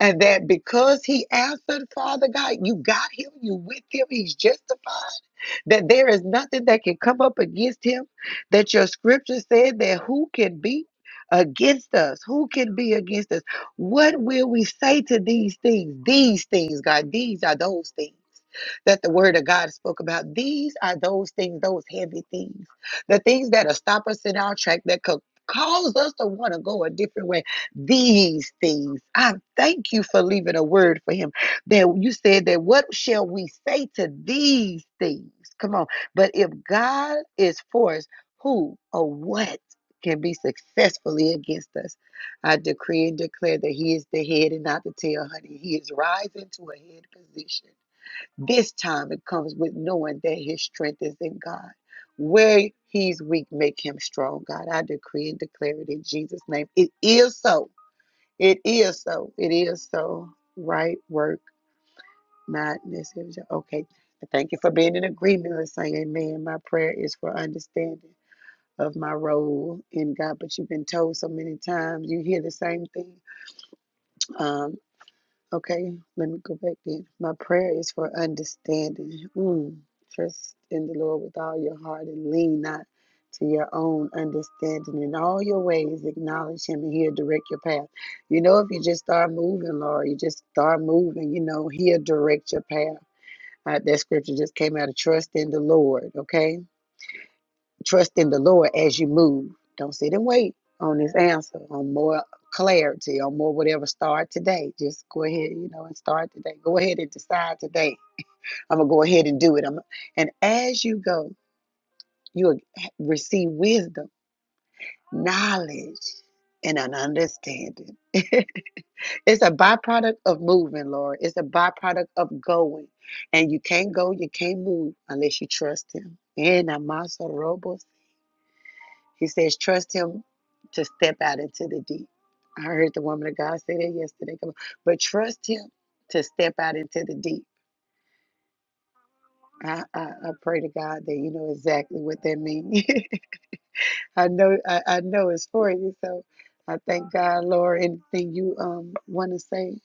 Speaker 1: and that because he answered, Father God, you got him, you with him, he's justified. That there is nothing that can come up against him. That your scripture said that who can be against us? Who can be against us? What will we say to these things? These things, God, these are those things. That the word of God spoke about. These are those things, those heavy things, the things that'll stop us in our track, that could cause us to want to go a different way these things. I thank you for leaving a word for him. That you said that what shall we say to these things? Come on. But if God is for us, who or what can be successfully against us? I decree and declare that he is the head and not the tail, honey. He is rising to a head position. This time it comes with knowing that his strength is in God. Where he's weak, make him strong, God. I decree and declare it in Jesus' name. It is so it is so. It is so. Right work, not It Okay. I Thank you for being in agreement. with saying, say amen. My prayer is for understanding of my role in God. But you've been told so many times, you hear the same thing. Um, Okay, let me go back then. My prayer is for understanding. Mm. Trust in the Lord with all your heart and lean not to your own understanding. In all your ways, acknowledge Him and He'll direct your path. You know, if you just start moving, Lord, you just start moving, you know, He'll direct your path. Uh, that scripture just came out of trust in the Lord, okay? Trust in the Lord as you move. Don't sit and wait on this answer, on more clarity, on more whatever. Start today. Just go ahead, you know, and start today. Go ahead and decide today. I'm gonna go ahead and do it. I'm and as you go, you will receive wisdom, knowledge, and an understanding. it's a byproduct of moving, Lord. It's a byproduct of going. And you can't go, you can't move unless you trust him. And Amasa Robo He says, trust him to step out into the deep. I heard the woman of God say that yesterday. Come on. But trust him to step out into the deep. I, I, I pray to God that you know exactly what that means. I know I, I know it's for you. So I thank God, Lord. Anything you um want to say?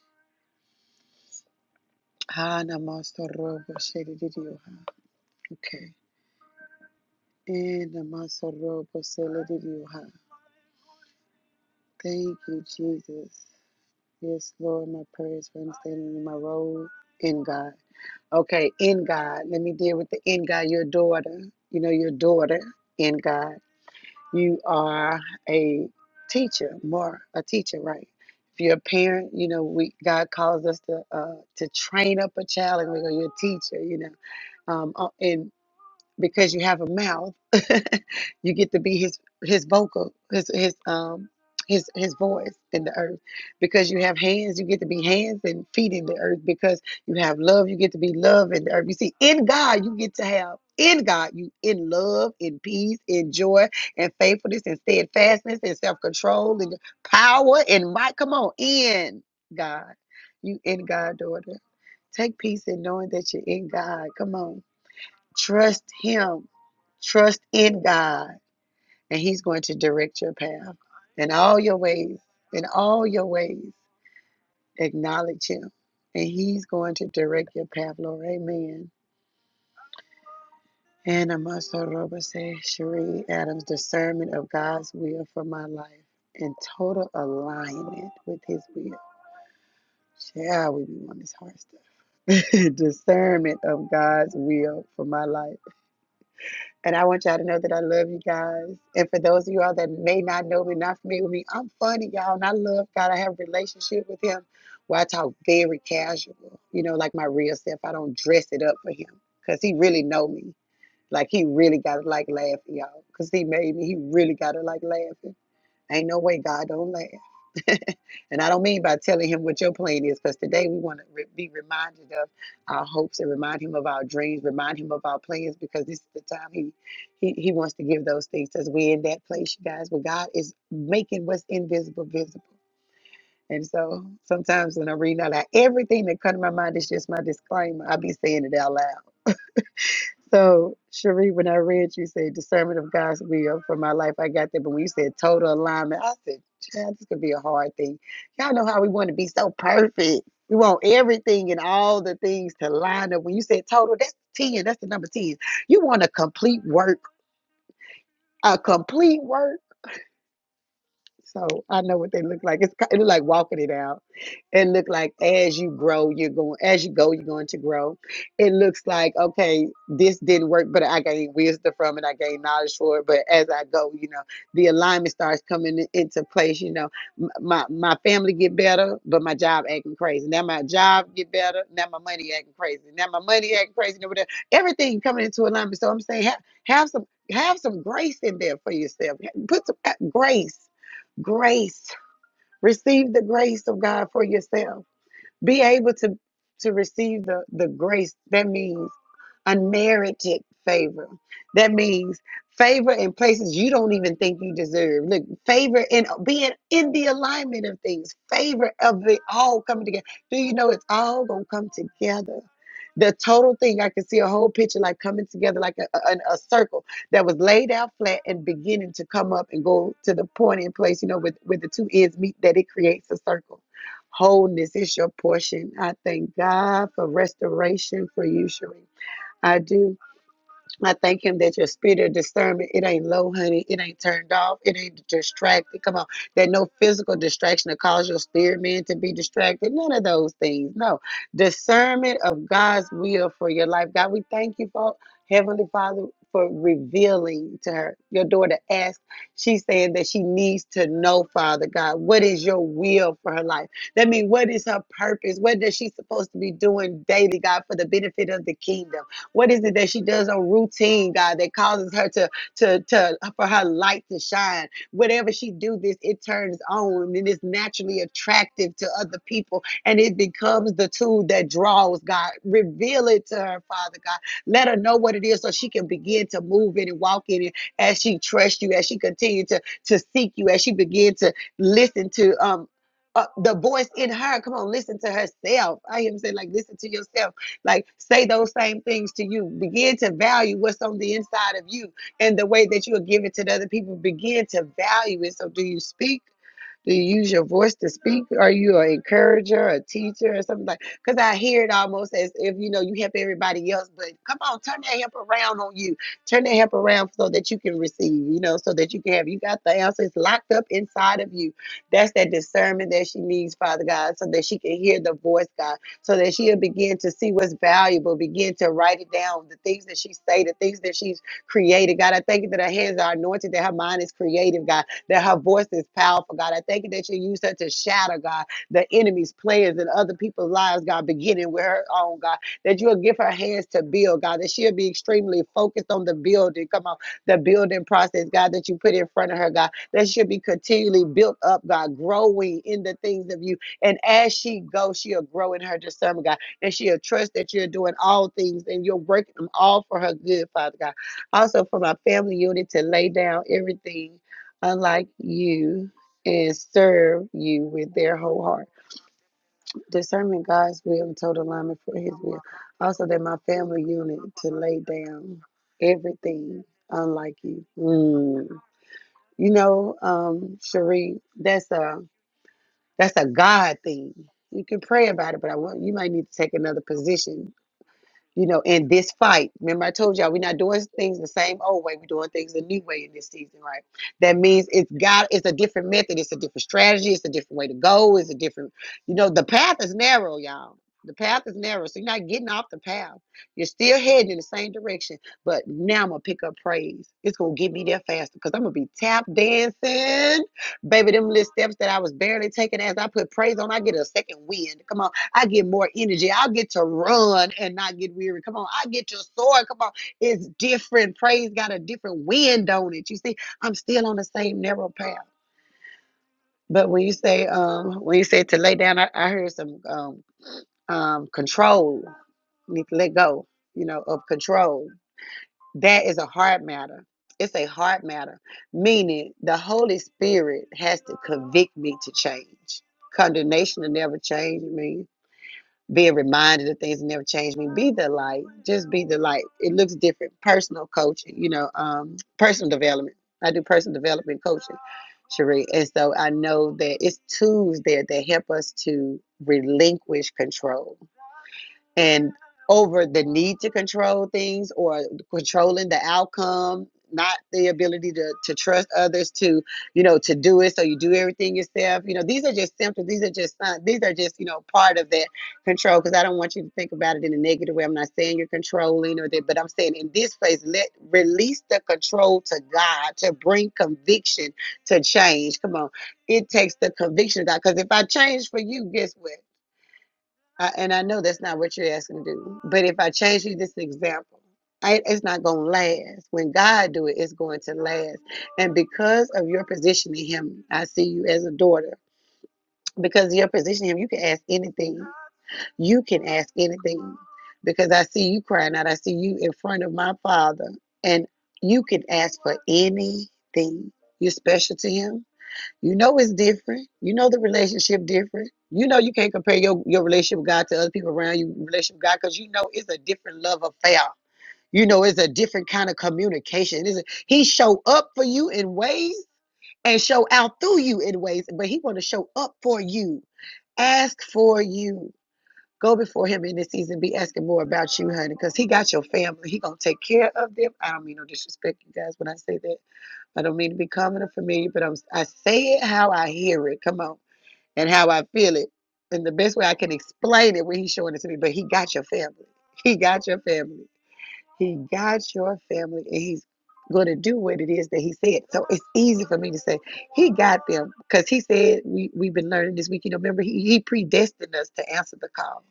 Speaker 1: Ah, namaste, robo, shedidiyo, ha. Okay. Eh, namaste, robo, shedidiyo, ha. Thank you, Jesus. Yes, Lord, my prayers for understanding in my role in God. Okay, in God. Let me deal with the in God, your daughter. You know, your daughter in God. You are a teacher, more a teacher, right? If you're a parent, you know, we God calls us to uh, to train up a child, and we go, you're a teacher, you know. Um, uh, and because you have a mouth, you get to be his his vocal, his his um his his voice in the earth. Because you have hands, you get to be hands and feet in the earth. Because you have love, you get to be love in the earth. You see, in God, you get to have in God, you in love, in peace, in joy, and faithfulness, and steadfastness, and self control, and power, and might. Come on, in God, you in God, daughter. Take peace in knowing that you're in God. Come on Trust Him. Trust in God, and He's going to direct your path in all your ways. In all your ways, acknowledge Him, and He's going to direct your path, Lord. Amen. And Amasa Roba said, Cherie Adams, discernment of God's will for my life and total alignment with His will. Shall we be on this hard stuff? discernment of God's will for my life And I want y'all to know that I love you guys. And for those of you all that may not know me, not familiar with me, I'm funny, y'all. And I love God. I have a relationship with Him where I talk very casual, you know, like my real self. I don't dress it up for Him because He really know me. Like He really got to like laughing, y'all. Because He made me. He really got to like laughing. Ain't no way God don't laugh. and I don't mean by telling him what your plan is, because today we want to re- be reminded of our hopes and remind him of our dreams, remind him of our plans, because this is the time he he, he wants to give those things to us. We're in that place, you guys, where God is making what's invisible visible. And so sometimes when I'm reading out loud, everything that comes to my mind is just my disclaimer. I be saying it out loud. So, Cherie, when I read you say discernment of God's will for my life, I got that. But when you said total alignment, I said, child, this could be a hard thing. Y'all know how we want to be so perfect. We want everything and all the things to line up. When you said total, that's 10. That's the number 10. You want a complete work, a complete work. So I know what they look like. It's ki- it look like walking it out. It look like as you grow, you're going as you go, you're going to grow. It looks like okay, this didn't work, but I gained wisdom from it. I gained knowledge for it. But as I go, you know, the alignment starts coming in- into place. You know, M- my my family get better, but my job acting crazy. Now my job get better. Now my money acting crazy. Now my money acting crazy. And over there. Everything coming into alignment. So I'm saying have have some have some grace in there for yourself. Put some uh, grace. Grace. Receive the grace of God for yourself. Be able to to receive the the grace that means unmerited favor. That means favor in places you don't even think you deserve. Look, favor in being in the alignment of things, favor of it all coming together. Do you know it's all gonna come together? The total thing, I can see a whole picture like coming together like a, a, a circle that was laid out flat and beginning to come up and go to the point in place, you know, with, with the two ends meet that it creates a circle Wholeness is your portion. I thank God for restoration for you, Sheree. I do. I thank him that your spirit of discernment, it ain't low, honey. It ain't turned off. It ain't distracted. Come on. That no physical distraction to cause your spirit man to be distracted. None of those things. No. Discernment of God's will for your life. God, we thank you for Heavenly Father for revealing to her. Your daughter asked, she's saying that she needs to know, Father God, what is your will for her life? That means what is her purpose? What is she supposed to be doing daily, God, for the benefit of the kingdom? What is it that she does on routine, God, that causes her to to to for her light to shine? Whatever she do, this it turns on and it's naturally attractive to other people, and it becomes the tool that draws God. Reveal it to her, Father God. Let her know what it is, so she can begin to move in and walk in it as she trusts you, as she continues to to seek you, as she begins to listen to um. Uh, the voice in her, come on, listen to herself. I am saying, like, listen to yourself like, say those same things to you. Begin to value what's on the inside of you and the way that you are giving to the other people. Begin to value it. So, do you speak? Do you use your voice to speak? Are you an encourager, a teacher, or something like? Because I hear it almost as if you know you help everybody else, but come on, turn that help around on you. Turn that help around so that you can receive. You know, so that you can have. You got the answers locked up inside of you. That's that discernment that she needs, Father God, so that she can hear the voice, God, so that she'll begin to see what's valuable, begin to write it down, the things that she say, the things that she's created, God. I thank you that her hands are anointed, that her mind is creative, God that her voice is powerful, God. I thank you that you use her to shatter, God, the enemy's plans and other people's lives, God, beginning with her own, God. That you'll give her hands to build, God, that she'll be extremely focused on the building. Come on, the building process, God, that you put in front of her, God, that she'll be continually built up, God, growing in the things of you. And as she goes, she'll grow in her discernment, God, and she'll trust that you're doing all things and you're working them all for her good, Father God. Also, for my family unit to lay down everything unlike you and serve you with their whole heart. Discernment God's will and total alignment for his will. Also that my family unit to lay down everything unlike you. Mm. You know, um, Cherie, that's a that's a God thing. You can pray about it, but I want you might need to take another position you know, in this fight. Remember, I told y'all we're not doing things the same old way. We're doing things the new way in this season, right? That means it's got it's a different method, it's a different strategy, it's a different way to go, it's a different, you know, the path is narrow, y'all. The path is narrow, so you're not getting off the path. You're still heading in the same direction, but now I'm gonna pick up praise. It's gonna get me there faster because I'm gonna be tap dancing, baby. Them little steps that I was barely taking as I put praise on, I get a second wind. Come on, I get more energy. I'll get to run and not get weary. Come on. I get to soar. Come on. It's different. Praise got a different wind on it. You see, I'm still on the same narrow path. But when you say, um, when you said to lay down, I, I heard some um, um, control. You need to let go, you know, of control. That is a hard matter. It's a hard matter, meaning the Holy Spirit has to convict me to change. Condemnation will never change me being reminded of things that never changed me. Be the light. Just be the light. It looks different. Personal coaching, you know, um, personal development. I do personal development coaching, Cherie. And so I know that it's tools there that help us to relinquish control and over the need to control things or controlling the outcome not the ability to, to trust others to you know to do it so you do everything yourself you know these are just symptoms these are just signs these are just you know part of that control because i don't want you to think about it in a negative way i'm not saying you're controlling or that but i'm saying in this place let release the control to god to bring conviction to change come on it takes the conviction of god because if i change for you guess what I, and I know that's not what you're asking to do. But if I change you this example, I, it's not going to last. When God do it, it's going to last. And because of your position in Him, I see you as a daughter. Because of your position in Him, you can ask anything. You can ask anything. Because I see you crying out. I see you in front of my Father, and you can ask for anything. You're special to Him you know it's different. You know the relationship different. You know you can't compare your, your relationship with God to other people around you relationship with God because you know it's a different love affair. You know it's a different kind of communication. It's a- he show up for you in ways and show out through you in ways, but he want to show up for you. Ask for you. Go before him in this season. Be asking more about you, honey, because he got your family. He gonna take care of them. I don't mean no disrespect, you guys, when I say that I don't mean to be common or familiar, but I'm I say it how I hear it. Come on, and how I feel it, and the best way I can explain it when he's showing it to me. But he got your family. He got your family. He got your family, and he's going to do what it is that he said. So it's easy for me to say he got them because he said we we've been learning this week. You know, remember he, he predestined us to answer the call.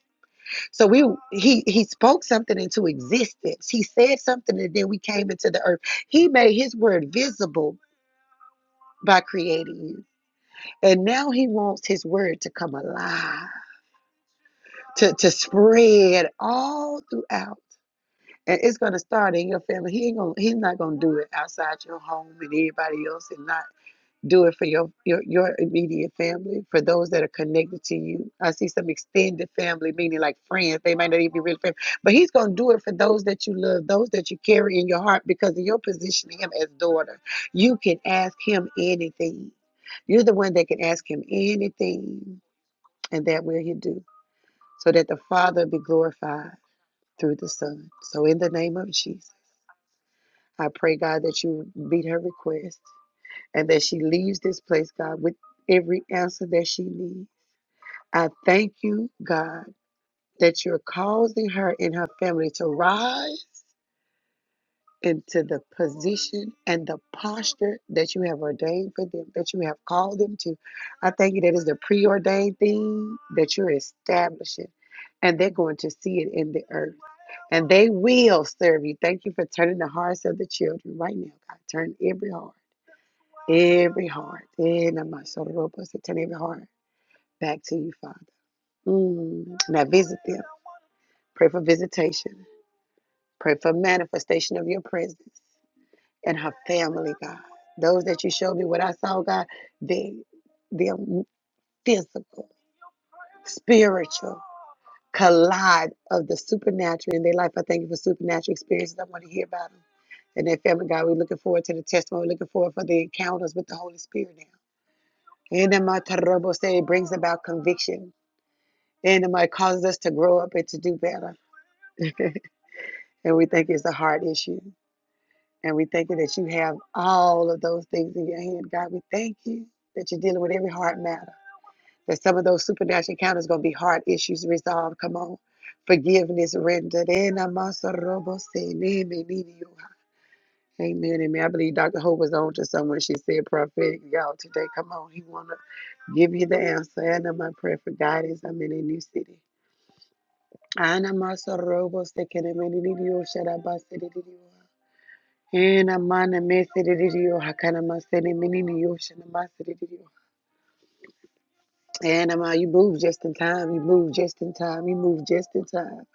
Speaker 1: So we he he spoke something into existence. He said something, and then we came into the earth. He made his word visible by creating you. And now he wants his word to come alive, to, to spread all throughout. And it's gonna start in your family. He ain't gonna he's not gonna do it outside your home and everybody else and not do it for your, your your immediate family, for those that are connected to you. I see some extended family, meaning like friends. They might not even be real family, but he's gonna do it for those that you love, those that you carry in your heart, because of your position to him as daughter. You can ask him anything. You're the one that can ask him anything, and that will he do, so that the Father be glorified through the Son. So in the name of Jesus, I pray God that you meet her request and that she leaves this place, God, with every answer that she needs. I thank you, God, that you're causing her and her family to rise into the position and the posture that you have ordained for them, that you have called them to. I thank you that is the preordained thing that you're establishing. And they're going to see it in the earth. And they will serve you. Thank you for turning the hearts of the children right now, God. Turn every heart. Every heart, eh, Namasorobosatan, every heart back to you, Father. Mm. Now visit them. Pray for visitation. Pray for manifestation of your presence and her family, God. Those that you showed me what I saw, God, they their physical, spiritual collide of the supernatural in their life. I thank you for supernatural experiences. I want to hear about them. And their family, God, we're looking forward to the testimony. We're looking forward for the encounters with the Holy Spirit now. Enema terrible say it brings about conviction. Enema it causes us to grow up and to do better. and we think it's a heart issue. And we think that you have all of those things in your hand. God, we thank you that you're dealing with every heart matter. That some of those supernatural encounters going to be heart issues resolved. Come on. Forgiveness rendered. Enema terrible say, name it, name Amen. Amen. I believe Dr. Hope was on to someone. She said prophetic. Y'all, today, come on. He want to give you the answer. I know my prayer for guidance. I'm in a new city. Ana masa robo se kene meni nidio sharaba se nidio. Ena mana mese nidio hakana masa ne meni nidio shana masa nidio. Ena ma, you move just in time. You move just in time. You move just in time.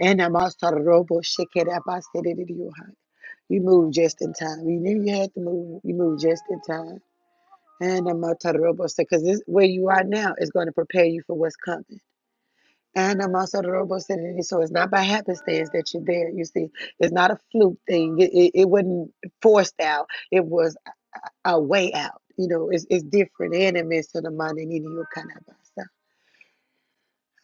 Speaker 1: Ena masa robo shekera basa nidio. You move just in time. You knew you had to move. You move just in time. And I'm because this where you are now is going to prepare you for what's coming. And I'm also so it's not by happenstance that you're there. You see, it's not a fluke thing. It, it, it wasn't forced out. It was a way out. You know, it's, it's different. Enemies to the mind and you kind of so,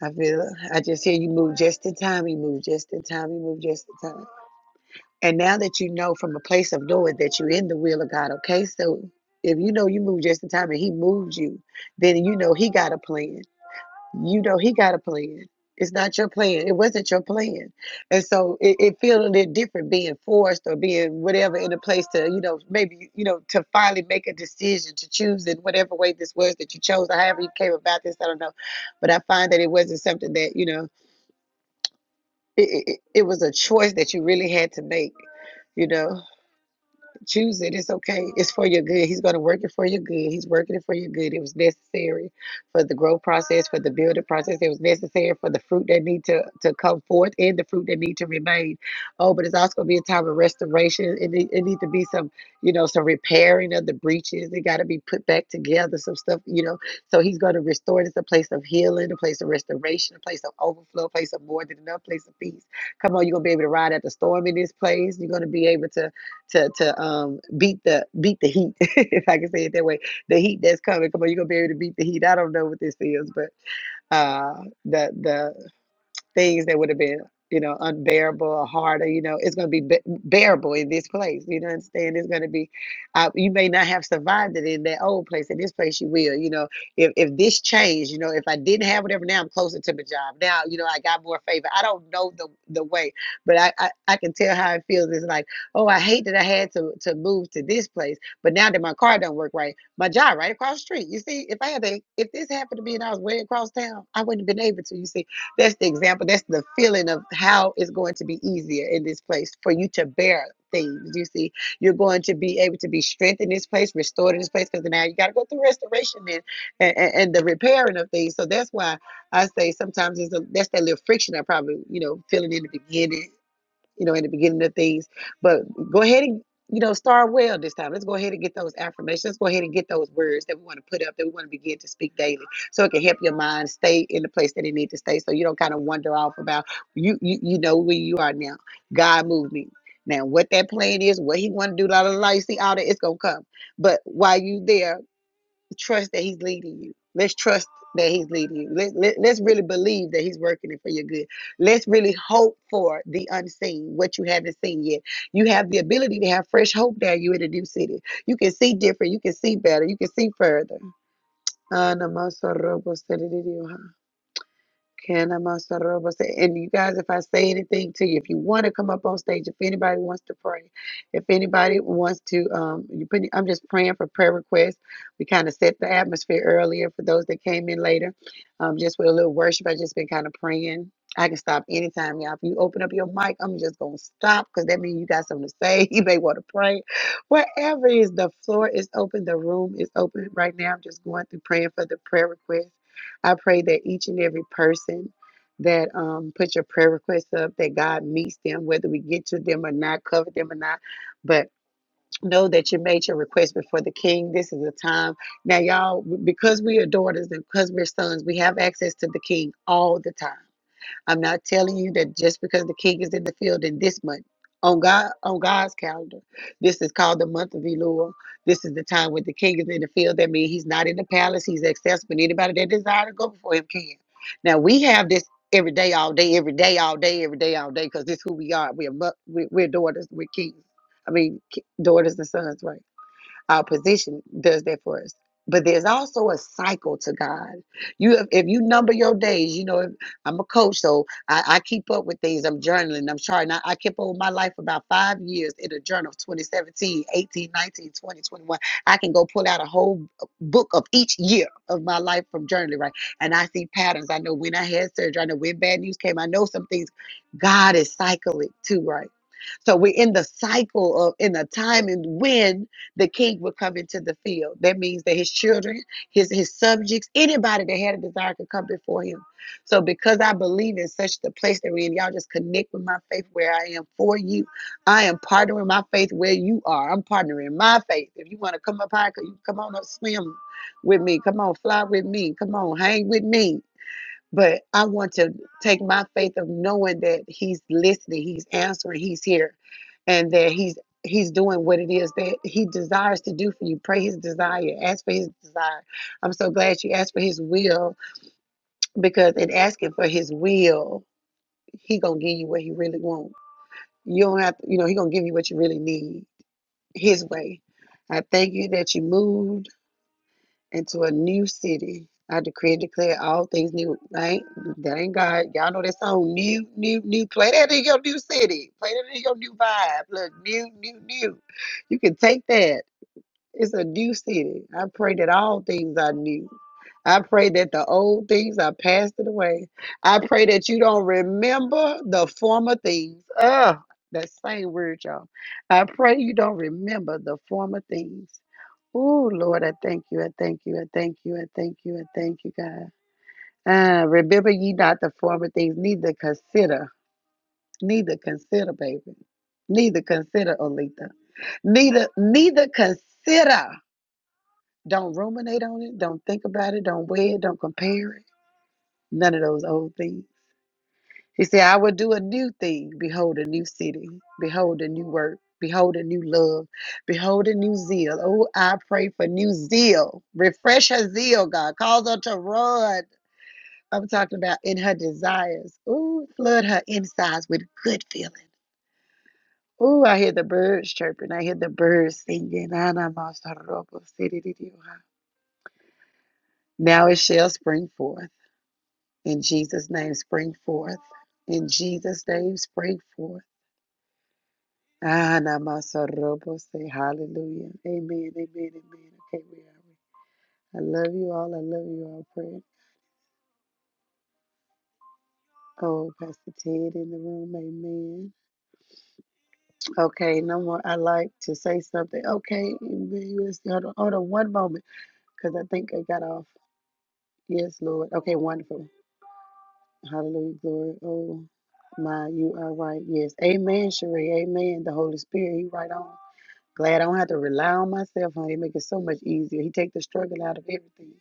Speaker 1: I feel. I just hear you move just in time. You move just in time. You move just in time. And now that you know from a place of knowing that you're in the will of God, okay? So if you know you moved just in time and He moved you, then you know He got a plan. You know He got a plan. It's not your plan. It wasn't your plan. And so it, it feels a little different being forced or being whatever in a place to, you know, maybe, you know, to finally make a decision to choose in whatever way this was that you chose or however you came about this. I don't know. But I find that it wasn't something that, you know, it, it, it it was a choice that you really had to make, you know? Choose it. It's okay. It's for your good. He's going to work it for your good. He's working it for your good. It was necessary for the growth process, for the building process. It was necessary for the fruit that need to, to come forth and the fruit that need to remain. Oh, but it's also going to be a time of restoration. It need, it need to be some, you know, some repairing of the breaches. It got to be put back together, some stuff, you know. So he's going to restore this a place of healing, a place of restoration, a place of overflow, a place of more than enough, a place of peace. Come on, you're going to be able to ride at the storm in this place. You're going to be able to to to um beat the beat the heat if I can say it that way the heat that's coming come on you're gonna be able to beat the heat I don't know what this is but uh the the things that would have been, you know, unbearable or harder, you know, it's going to be be- bearable in this place. You know what I'm saying? It's going to be, uh, you may not have survived it in that old place. In this place, you will. You know, if, if this changed, you know, if I didn't have whatever, now I'm closer to my job. Now, you know, I got more favor. I don't know the, the way, but I, I, I can tell how it feels. It's like, oh, I hate that I had to, to move to this place. But now that my car don't work right, my job right across the street. You see, if I had a, if this happened to me and I was way across town, I wouldn't have been able to. You see, that's the example. That's the feeling of how it's going to be easier in this place for you to bear things. You see, you're going to be able to be strengthened in this place, restored in this place, because now you got to go through restoration and, and and the repairing of things. So that's why I say sometimes it's a, that's that little friction I probably you know feeling in the beginning you know, in the beginning of things. But go ahead and, you know, start well this time. Let's go ahead and get those affirmations. Let's go ahead and get those words that we want to put up, that we want to begin to speak daily. So it can help your mind stay in the place that it needs to stay. So you don't kind of wander off about you you, you know where you are now. God moved me. Now what that plan is, what he wanna do, la la la, you see all that, it's gonna come. But while you there, trust that he's leading you. Let's trust that he's leading you. Let, let, us really believe that he's working it for your good. Let's really hope for the unseen, what you haven't seen yet. You have the ability to have fresh hope now you in a new city. You can see different. You can see better. You can see further. Ah, and you guys, if I say anything to you, if you want to come up on stage, if anybody wants to pray, if anybody wants to, um, you put, I'm just praying for prayer requests. We kind of set the atmosphere earlier for those that came in later. Um, just with a little worship, I just been kind of praying. I can stop anytime, y'all. If you open up your mic, I'm just gonna stop because that means you got something to say. You may want to pray. Wherever is the floor is open, the room is open right now. I'm just going through praying for the prayer requests. I pray that each and every person that um, put your prayer requests up, that God meets them, whether we get to them or not, cover them or not. But know that you made your request before the King. This is a time now, y'all, because we are daughters and because we're sons, we have access to the King all the time. I'm not telling you that just because the king is in the field in this month. On God, on God's calendar, this is called the month of Elul. This is the time when the king is in the field. That means he's not in the palace; he's accessible. Anybody that desire to go before him can. Now we have this every day, all day, every day, all day, every day, all day, because this is who we are. We are mo- we- we're daughters, we're kings. I mean, ki- daughters and sons, right? our position does that for us. But there's also a cycle to God. You have, if you number your days, you know, if, I'm a coach, so I, I keep up with things. I'm journaling, I'm charting. I, I kept up with my life for about five years in a journal of 2017, I can go pull out a whole book of each year of my life from journaling, right? And I see patterns. I know when I had surgery, I know when bad news came. I know some things God is cycling too, right? So we're in the cycle of in the time and when the king would come into the field. That means that his children, his his subjects, anybody that had a desire could come before him. So because I believe in such the place that we're in, y'all just connect with my faith where I am for you. I am partnering my faith where you are. I'm partnering my faith. If you want to come up high, you come on up, swim with me. Come on, fly with me. Come on, hang with me. But I want to take my faith of knowing that he's listening, he's answering, he's here, and that he's he's doing what it is that he desires to do for you. Pray his desire, ask for his desire. I'm so glad you asked for his will because in asking for his will, he gonna give you what he really wants. You don't have to, you know, he gonna give you what you really need his way. I thank you that you moved into a new city. I decree and declare all things new. That ain't, that ain't God. Y'all know that song, new, new, new. Play that in your new city. Play that in your new vibe. Look, new, new, new. You can take that. It's a new city. I pray that all things are new. I pray that the old things are passed away. I pray that you don't remember the former things. Ugh, that same word, y'all. I pray you don't remember the former things. Oh, Lord, I thank you. I thank you. I thank you. I thank you. I thank you, God. Ah, remember ye not the former things, neither consider, neither consider, baby, neither consider, Olita, neither, neither consider. Don't ruminate on it. Don't think about it. Don't weigh it. Don't compare it. None of those old things. He said, I will do a new thing. Behold, a new city. Behold, a new work. Behold, a new love. Behold, a new zeal. Oh, I pray for new zeal. Refresh her zeal, God. Cause her to run. I'm talking about in her desires. Oh, flood her insides with good feeling. Oh, I hear the birds chirping. I hear the birds singing. Ana mas robo Now it shall spring forth. In Jesus' name, spring forth. In Jesus' name, spring forth. Ah, namasarobo, say hallelujah. Amen, amen, amen. Okay, we are. I love you all. I love you all. Pray. Oh, Pastor Ted in the room. Amen. Okay, no more. I like to say something. Okay, hold on, hold on one moment because I think I got off. Yes, Lord. Okay, wonderful. Hallelujah, glory. Oh, my, you are right. Yes. Amen, Sheree. Amen. The Holy Spirit, He right on. Glad I don't have to rely on myself, honey. It make it so much easier. He take the struggle out of everything.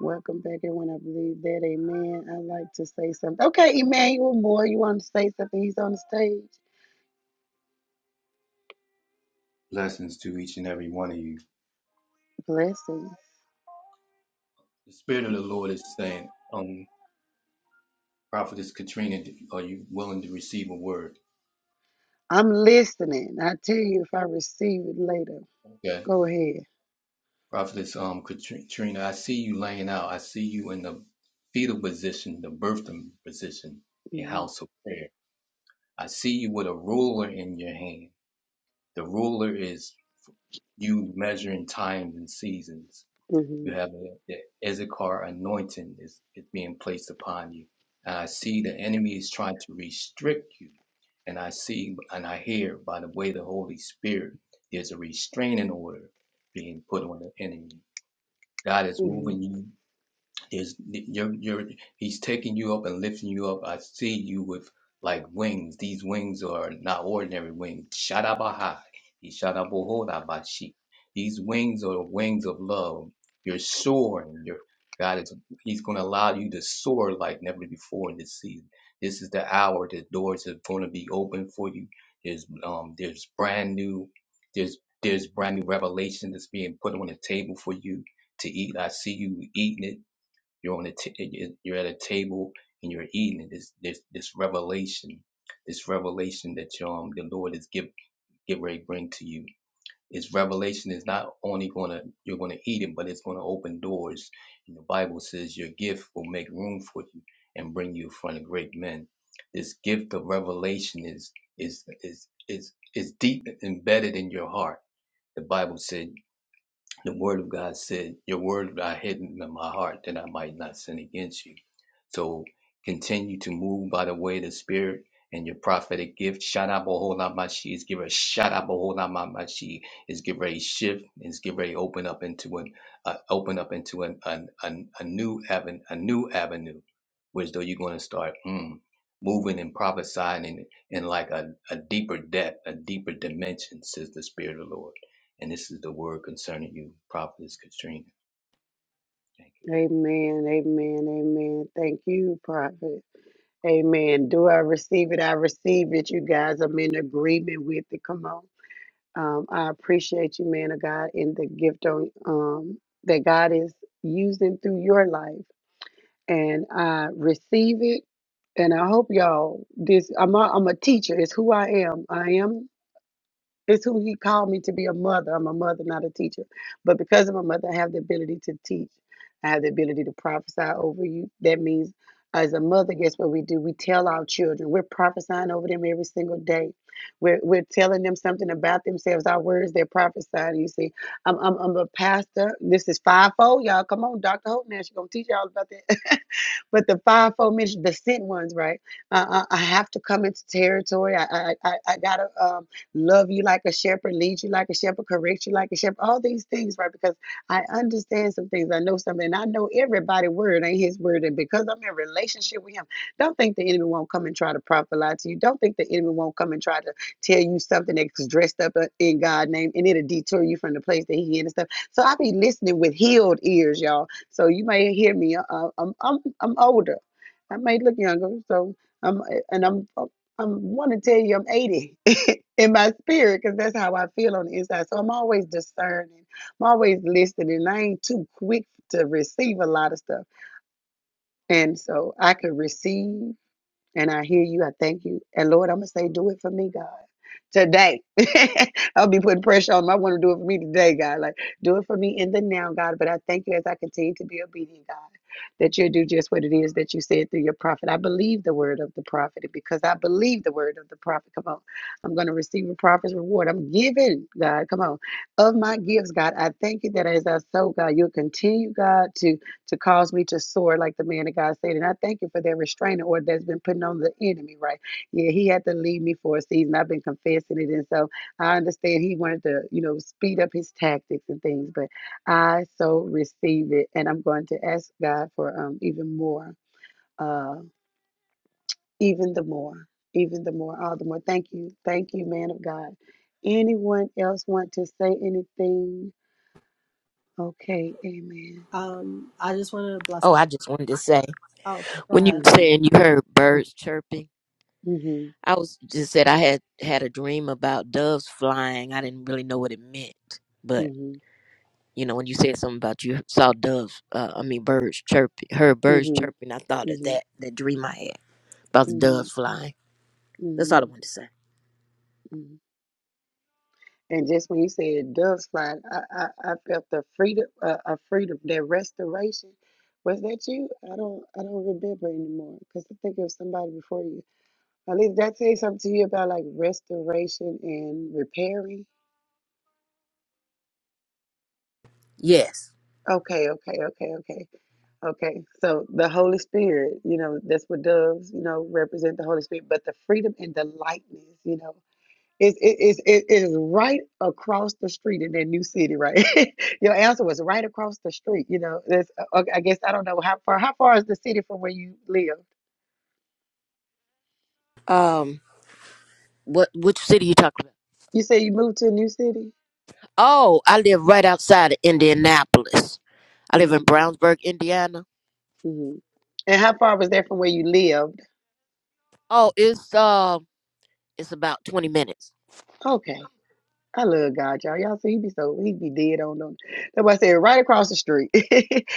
Speaker 1: Welcome back, everyone. I believe that, amen. I like to say something. Okay, Emmanuel Moore, you want to say something? He's on the stage.
Speaker 3: Blessings to each and every one of you.
Speaker 1: Blessings.
Speaker 3: The Spirit of the Lord is saying, um, Prophetess Katrina, are you willing to receive a word?
Speaker 1: I'm listening. I'll tell you if I receive it later.
Speaker 3: Okay.
Speaker 1: Go ahead.
Speaker 3: Prophetess um, Katrina, I see you laying out. I see you in the fetal position, the birthing position in
Speaker 1: hmm
Speaker 3: house of prayer. I see you with a ruler in your hand. The ruler is you measuring times and seasons.
Speaker 1: hmm
Speaker 3: You have a, the Issachar anointing is, is being placed upon you. And I see the enemy is trying to restrict you. And I see and I hear by the way of the Holy Spirit, there's a restraining order being put on the enemy. God is
Speaker 1: hmm
Speaker 3: moving you there's you're you're he's taking you up and lifting you up. I see you with like wings. These wings are not ordinary wings. Shadabahai. Ishadabohodabashi. These wings are the wings of love. You're soaring. You're God is He's gonna allow you to soar like never before in this season. This is the hour the doors are gonna be open for you. There's um there's brand new there's there's brand new revelation that's being put on the table for you to eat. I see you eating it you're on a t- you're at a table and you're eating. This this this revelation, this revelation that um the Lord is give get ready to bring to you. This revelation is not only gonna you're gonna eat it, but it's gonna open doors. And the Bible says your gift will make room for you and bring you in front of great men. This gift of revelation is is is is is deep embedded in your heart. The Bible said the word of God said, Your word I hidden in my heart that I might not sin against you. So continue to move by the way of the Spirit and your prophetic gift. Shadaboholamashi is give her shadaboholamamashi is give her a shift, is give her a open up into an uh, open up into an, an, an a new avenue a new avenue, which though you're going to start mm, moving and prophesying in, in like a, a deeper depth, a deeper dimension, says the Spirit of the Lord. And this is the word concerning you, prophetess Katrina. Thank
Speaker 1: Amen, amen, amen. Thank you, Prophet. Amen. Do I receive it? I receive it, you guys. I'm in agreement with it. Come on. Um, I appreciate you, man of God, and the gift on, um, that God is using through your life. And I receive it. And I hope y'all, this, I'm a, I'm a teacher. It's who I am. I am it's who he called me to be a mother. I'm a mother, not a teacher. But because I'm a mother, I have the ability to teach. I have the ability to prophesy over you. That means, uh, as a mother, guess what we do? We tell our children. We're prophesying over them every single day. We're, we're telling them something about themselves. Our words, they're prophesying. You see, I'm, I'm, I'm a pastor. This is fivefold, y'all. Come on, Dr. Hope now. She's going to teach y'all about that. but the fivefold ministry, the sent ones, right? Uh, I, I have to come into territory. I, I, I, I got to. Um, love you like a shepherd, lead you like a shepherd, correct you like a shepherd, all these things, right? Because I understand some things, I know something, and I know everybody's word ain't his word. And because I'm in relationship with him, don't think the enemy won't come and try to profit lie to you. Don't think the enemy won't come and try to tell you something that's dressed up uh, in God's name and it'll detour you from the place that he in and stuff. So I be listening with healed ears, y'all. So you may hear me. Uh, uh, I'm, I'm I'm older. I may look younger. So I'm and I'm I want to tell you I'm 80 in my spirit because that's how I feel on the inside. So I'm always discerning. I'm always listening. I ain't too quick to receive a lot of stuff. And so I could receive. And I hear you. I thank you. And Lord, I'm going to say, do it for me, God. Today. I'll be putting pressure on them. I want to do it for me today, God. Like, do it for me in the now, God. But I thank you as I continue to be obedient, God, that you'll do just what it is that you said through your prophet. I believe the word of the prophet. And because I believe the word of the prophet, come on. I'm going to receive a prophet's reward. I'm giving, God, come on, of my gifts, God. I thank you that as I sow, God, you'll continue, God, to to cause me to soar like the man of God said. And I thank you for that restraining order that's been putting on the enemy, right? Yeah, he had to leave me for a season. I've been confessing it. And so I understand he wanted to, you know, speed up his tactics and things, but I so receive it. And I'm going to ask God for um even more, uh, even the more, even the more, all the more. Thank you. Thank you, man of God. Anyone else want to say anything? Okay, amen.
Speaker 2: Um, I just lost.
Speaker 4: Oh, I just wanted to say
Speaker 2: Oh, okay, go
Speaker 4: when you
Speaker 2: ahead.
Speaker 4: were
Speaker 1: Mm-hmm.
Speaker 4: saying you heard birds chirping,
Speaker 1: Mm-hmm.
Speaker 4: I was just said I had had a dream about doves flying. I didn't really know what it meant, but
Speaker 1: Mm-hmm.
Speaker 4: you know when you said something about you saw doves, uh, I mean birds chirping, heard birds
Speaker 1: Mm-hmm.
Speaker 4: chirping. I thought of
Speaker 1: Mm-hmm.
Speaker 4: that that dream I had about the
Speaker 1: hmm
Speaker 4: doves flying. That's all I
Speaker 1: hmm
Speaker 4: wanted to say.
Speaker 1: hmm And just when you said doves fly, I, I, I felt the freedom, uh, a freedom, that restoration. Was that you? I don't, I don't remember anymore because I think it was somebody before you. At least that say something to you about like restoration and repairing.
Speaker 4: Yes.
Speaker 1: Okay, okay, okay, okay, okay. So the Holy Spirit, you know, that's what doves, you know, represent the Holy Spirit, but the freedom and the lightness, you know, It, it, it's it, it is right across the street in that new city, right? Your answer was right across the street. You know, that's, uh, okay, I guess I don't know how far. How far is the city from where you lived?
Speaker 4: Um. What? Which city you talking about?
Speaker 1: You say you moved to a new city.
Speaker 4: Oh, I live right outside of Indianapolis. I live
Speaker 1: hmm
Speaker 4: in Brownsburg, Indiana.
Speaker 1: hmm And how far was that from where you lived?
Speaker 4: Oh, it's um, it's about twenty minutes.
Speaker 1: Okay. I love God, y'all. Y'all see, he be so he be dead on them. That's why I said right across the street.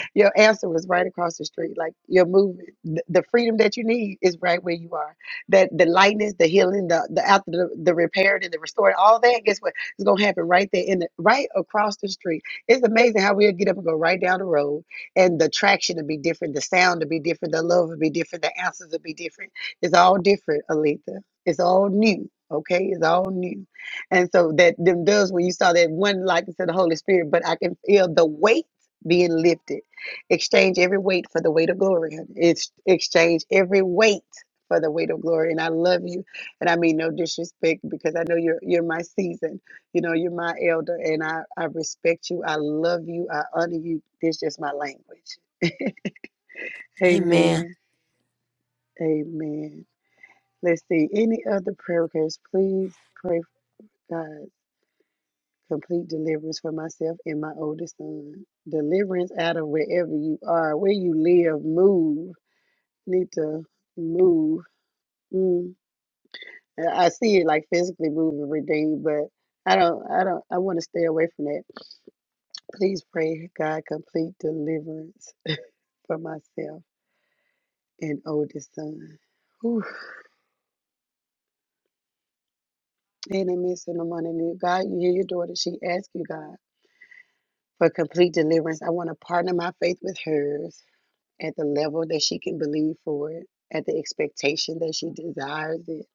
Speaker 1: your answer was right across the street. Like your movement, the, the freedom that you need is right where you are. That the lightness, the healing, the the after the, the repaired and the restored, all that. Guess what? It's gonna happen right there in the right across the street. It's amazing how we'll get up and go right down the road, and the traction will be different, the sound will be different, the love will be different, the answers will be different. It's all different, Alita. It's all new. Okay, it's all new. And so that them doves, when you saw that one likeness to the Holy Spirit, but I can feel the weight being lifted. Exchange every weight for the weight of glory. It's exchange every weight for the weight of glory. And I love you. And I mean no disrespect because I know you're you're my season. You know, you're my elder and I, I respect you. I love you. I honor you. This is just my language.
Speaker 4: Amen.
Speaker 1: Amen. Amen. Let's see. Any other prayer requests, please pray for God. complete deliverance for myself and my oldest son. Deliverance out of wherever you are, where you live, move. Need to move. Mm. I see it like physically moving, redeemed, but I don't. I don't. I want to stay away from that. Please pray, God, complete deliverance for myself and oldest son. Whew. And I miss in the morning. God, you hear your daughter. She asks you, God, for complete deliverance. I want to partner my faith with hers at the level that she can believe for it, at the expectation that she desires it.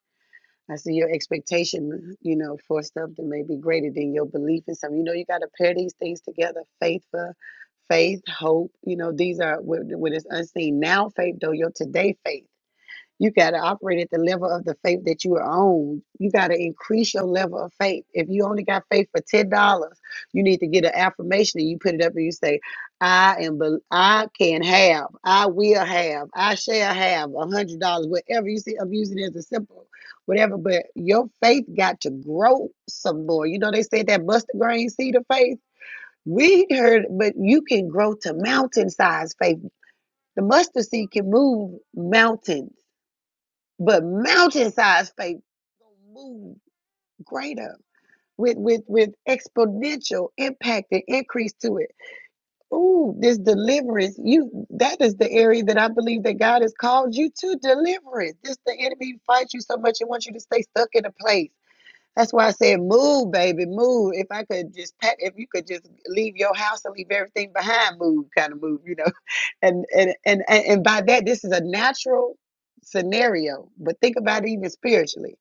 Speaker 1: I see your expectation, you know, for something may be greater than your belief in something. You know, you got to pair these things together faith for faith, hope. You know, these are when when it's unseen. Now faith, though, your today faith. You got to operate at the level of the faith that you are on. You got to increase your level of faith. If you only got faith for ten dollars, you need to get an affirmation and you put it up and you say, "I am, bel- I can have, I will have, I shall have a hundred dollars." Whatever you see, I'm using it as a simple, whatever. But your faith got to grow some more. You know they said that mustard grain seed of faith. We heard, but you can grow to mountain size faith. The mustard seed can move mountains but mountain sized faith gonna move greater with with with exponential impact and increase to it. Ooh, this deliverance, you that is the area that I believe that God has called you to deliverance. This the enemy fights you so much and wants you to stay stuck in a place. That's why I said, move, baby, move. If I could just pack, if you could just leave your house and leave everything behind, move, kind of move, you know. And and and and, and by that, this is a natural scenario. But think about it even spiritually.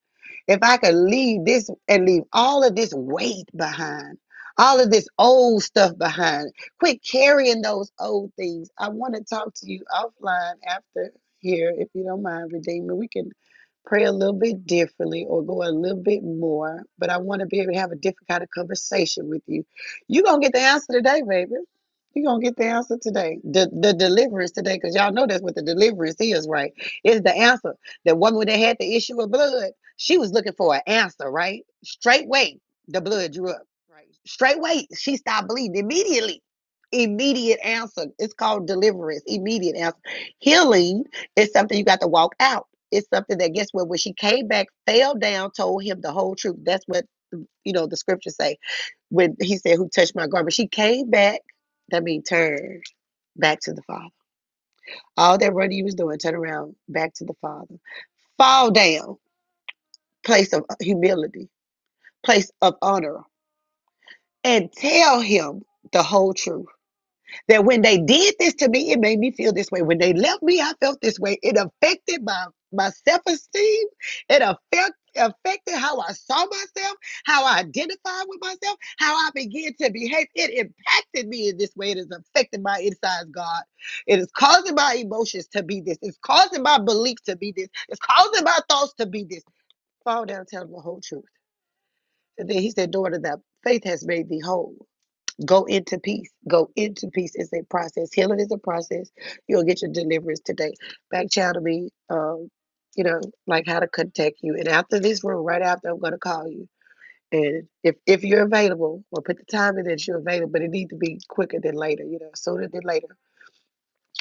Speaker 1: If I could leave this and leave all of this weight behind, all of this old stuff behind, quit carrying those old things. I want to talk to you offline after here, if you don't mind, Redeemer. We can pray a little bit differently or go a little bit more, but I want to be able to have a different kind of conversation with you. You're going to get the answer today, baby. You're going to get the answer today. The, the deliverance today, because y'all know that's what the deliverance is, right? It's the answer. The woman that had the issue of blood, she was looking for an answer, right? Straightway, the blood drew up, right? Straightway, she stopped bleeding immediately. Immediate answer. It's called deliverance, immediate answer. Healing is something you got to walk out it's something that guess what when she came back fell down told him the whole truth that's what you know the scriptures say when he said who touched my garment she came back that means turned back to the father all that running was doing turn around back to the father fall down place of humility place of honor and tell him the whole truth That when they did this to me, it made me feel this way. When they left me, I felt this way. It affected my, my self esteem. It affect, affected how I saw myself, how I identified with myself, how I began to behave. It impacted me in this way. It has affected my insides, God. It is causing my emotions to be this. It's causing my beliefs to be this. It's causing my thoughts to be this. Fall down, tell them the whole truth. And then he said, Daughter, that faith has made thee whole. Go into peace. Go into peace. It's a process. Healing is a process. You'll get your deliverance today. Back channel me, um, you know, like how to contact you. And after this room, right after, I'm going to call you. And if, if you're available, or put the time in that you're available, but it needs to be quicker than later, you know, sooner than later.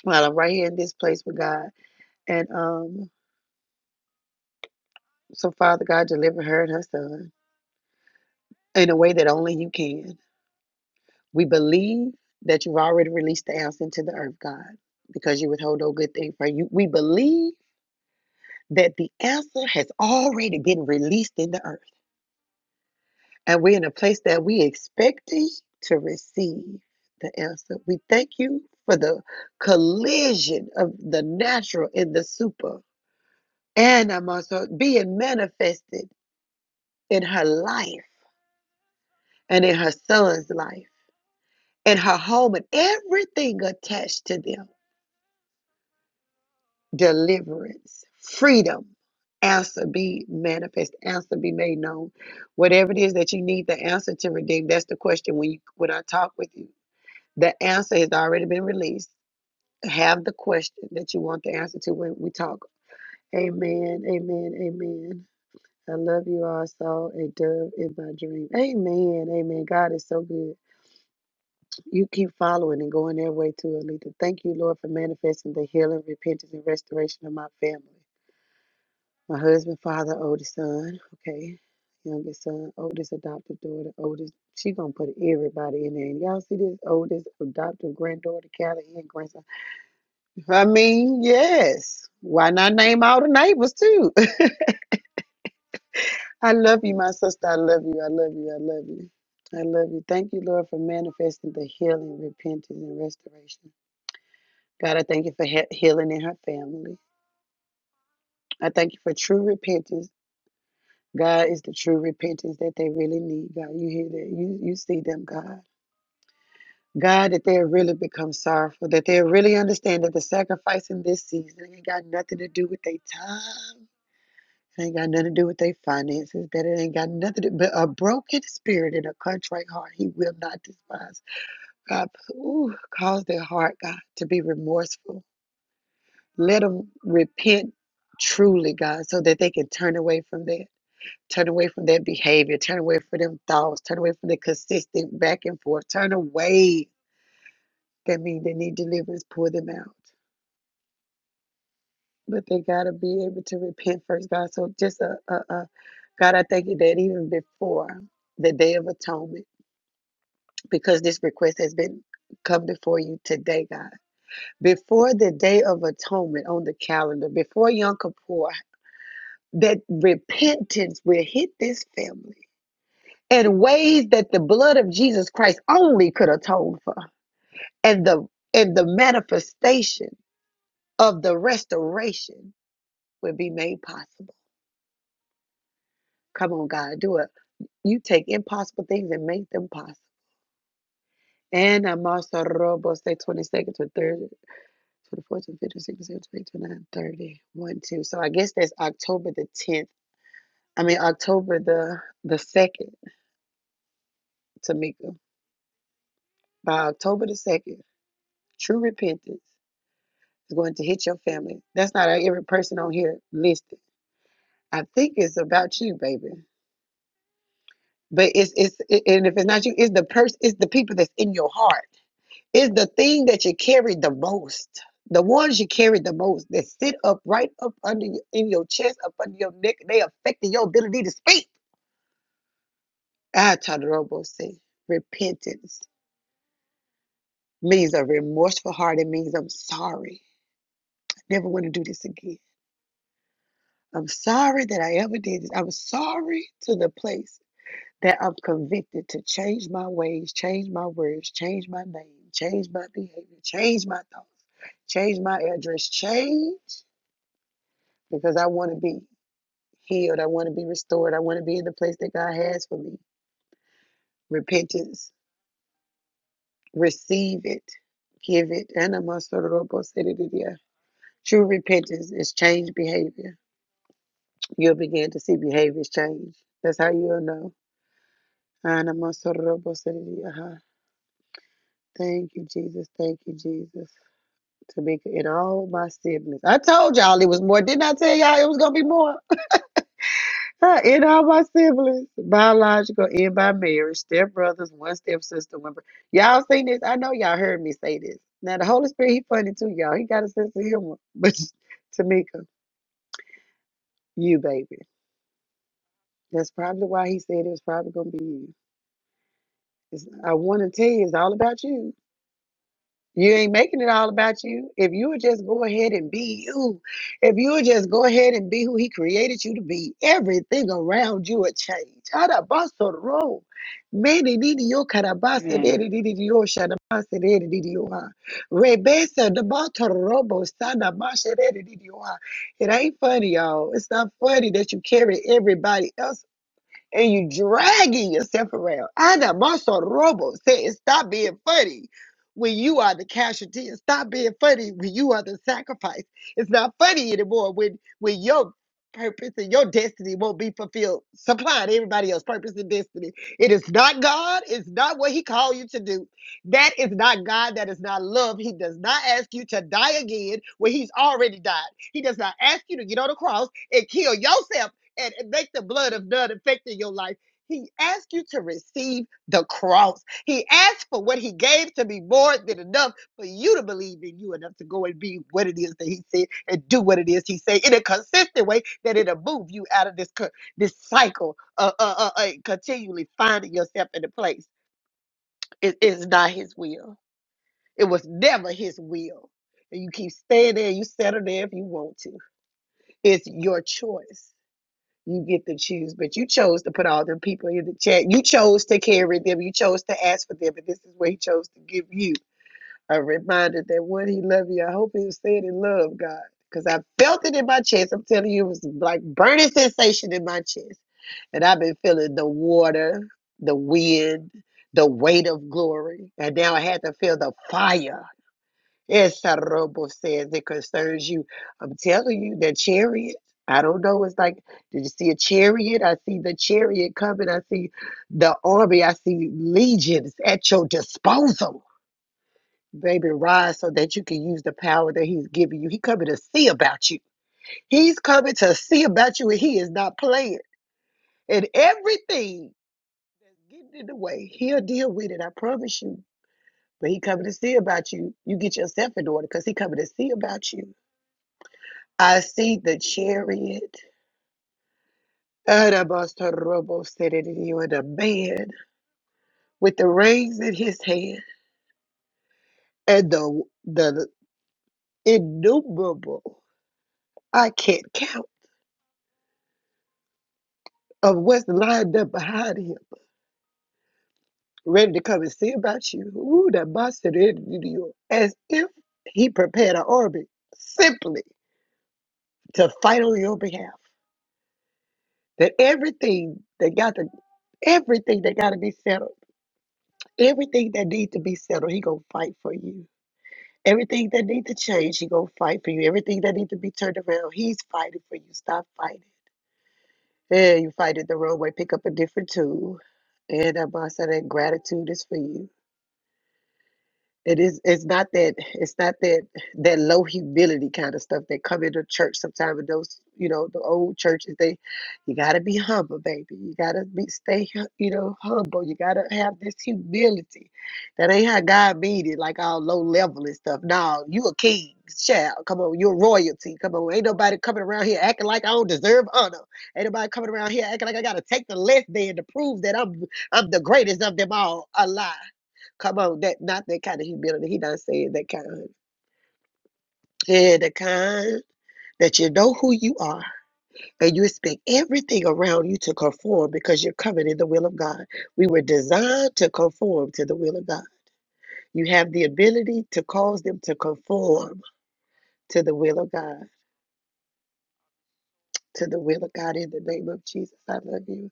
Speaker 1: While I'm right here in this place with God. And um, so, Father God, deliver her and her son in a way that only you can. We believe that you've already released the answer into the earth, God, because you withhold no good thing from you. We believe that the answer has already been released in the earth. And we're in a place that we expecting to receive the answer. We thank you for the collision of the natural and the super. And I'm also being manifested in her life and in her son's life, in her home and everything attached to them. deliverance, freedom. Answer be manifest, answer be made known. Whatever it is that you need the answer to redeem, that's the question when you when I talk with you. The answer has already been released. Have the question that you want the answer to when we talk. Amen. Amen. Amen. I love you all. I a dove in my dream. Amen. Amen. God is so good. You keep following and going that way too, Alita. Thank you, Lord, for manifesting the healing, repentance, and restoration of my family. My husband, father, oldest son, okay, youngest son, oldest adopted daughter, oldest. She gonna put everybody in there. And y'all see this oldest adopted granddaughter, Callie, and grandson. I mean, yes. Why not name all the neighbors too? I love you, my sister. I love you. I love you. I love you. I love you. Thank you, Lord, for manifesting the healing, repentance, and restoration. God, I thank you for he- healing in her family. I thank you for true repentance God is the true repentance that they really need, God. You hear that. You you see them, God. God, that they'll really become sorrowful, that they'll really understand that the sacrifice in this season ain't got nothing to do with their time. It ain't got nothing to do with their finances, that it ain't got nothing to do. but a broken spirit and a contrite heart, he will not despise. God, ooh, cause their heart, God, to be remorseful. Let them repent truly, God, so that they can turn away from that. Turn away from that behavior. Turn away from them thoughts. Turn away from the consistent back and forth. Turn away. That means they need deliverance. Pull them out. But they gotta be able to repent first, God. So just a, a, a God, I thank you that even before the Day of Atonement, because this request has been come before you today, God. Before the Day of Atonement on the calendar, before Yom Kippur, that repentance will hit this family in ways that the blood of Jesus Christ only could atone for. And the and the manifestation of the restoration would be made possible. Come on, God, do it. You take impossible things and make them possible. And I'm also robo say 22nd to 30, 24th to 56, 29, 30, 1, 2. So I guess that's October the 10th. I mean October the the 2nd, Tamika. By October the 2nd, true repentance is going to hit your family. That's not every person on here listed. I think it's about you, baby. But it's it's it- and if it's not you, it's the person, it's the people that's in your heart. It's the thing that you carry the most. The ones you carry the most that sit up right up under your, in your chest, up under your neck, they affecting your ability to speak. Ah, Todorobo say repentance means a remorseful heart. It means I'm sorry. I never want to do this again. I'm sorry that I ever did this. I'm sorry to the place that I'm convicted to change my ways, change my words, change my name, change my behavior, change my thoughts, change my address, change because I want to be healed. I want to be restored. I want to be in the place that God has for me. Repentance, receive it, give it. True repentance is change behavior. You'll begin to see behaviors change. That's how you'll know. Thank you, Jesus. Thank you, Jesus. Tamika and all my siblings. I told y'all it was more. Didn't I tell y'all it was gonna be more? and all my siblings, biological and by marriage, stepbrothers, one stepsister, one. bro- Y'all seen this? I know y'all heard me say this. Now the Holy Spirit, he funny too, y'all. He got a sense of humor. But Tamika, you baby. That's probably why he said it was probably gonna be you. It's, I want to tell you, it's all about you. You ain't making it all about you. If you would just go ahead and be you, if you would just go ahead and be who He created you to be, everything around you would change. Arabasoro. Mene nini yo karabasa dere
Speaker 5: Amen.
Speaker 1: didi di yo shadabasa dere didi yo ha. Rebesa dabata robo, sana masha dere didi yo ha. It ain't funny, y'all. It's not funny that you carry everybody else's and you dragging yourself around. Ana Maso Robo says, stop being funny when you are the casualty and stop being funny when you are the sacrifice. It's not funny anymore when when your purpose and your destiny won't be fulfilled, supplying everybody else's purpose and destiny. It is not God, it's not what He called you to do. That is not God, that is not love. He does not ask you to die again when He's already died. He does not ask you to get on the cross and kill yourself and make the blood of none effect in your life. He asked you to receive the cross. He asked for what he gave to be more than enough for you to believe in you enough to go and be what it is that he said and do what it is he said in a consistent way that it'll move you out of this co- this cycle of uh, uh, uh, uh, continually finding yourself in a place. It is not his will. It was never his will. And you keep staying there. You settle there if you want to. It's your choice. You get to choose, but you chose to put all them people in the chat. You chose to carry them. You chose to ask for them, and this is where He chose to give you a reminder that one, He loved you. I hope He was saying in love, God, because I felt it in my chest. I'm telling you, it was like burning sensation in my chest, and I've been feeling the water, the wind, the weight of glory, and now I had to feel the fire Yes, Robo says it concerns you. I'm telling you, that chariot. I don't know. It's like, did you see a chariot? I see the chariot coming. I see the army. I see legions at your disposal. Baby, rise so that you can use the power that he's giving you. He coming to see about you. He's coming to see about you, and he is not playing. And everything that's getting in the way, he'll deal with it. I promise you. But he coming to see about you. You get yourself in order because he coming to see about you. I see the chariot, Arabasoroboserediyo, the man with the reins in his hand, and the the innumerable I can't count of what's lined up behind him, ready to come and see about you. Ooh, that Baserediyo, as if he prepared an army simply to fight on your behalf. That everything that got to everything that got to be settled, everything that needs to be settled, he gonna fight for you Everything that need to change, he gonna fight for you. Everything that need to be turned around, he's fighting for you. Stop fighting. Yeah, you fight it the wrong way. Pick up a different tool. And I'm that gratitude is for you. It is. It's not that. It's not that. That low humility kind of stuff that come into church sometimes. With those, you know, the old churches, they, you gotta be humble, baby. You gotta be stay, hu- you know, humble. You gotta have this humility. That ain't how God made it. Like all low level and stuff. No, you a king, child. Come on, you're royalty. Come on, ain't nobody coming around here acting like I don't deserve honor. Ain't nobody coming around here acting like I gotta take the less than to prove that I'm, I'm the greatest of them all. A lie. Come on, that not that kind of humility. He not saying that kind. Yeah, the kind that you know who you are and you expect everything around you to conform because you're covered in the will of God. We were designed to conform to the will of God. You have the ability to cause them to conform to the will of God. To the will of God in the name of Jesus. I love you.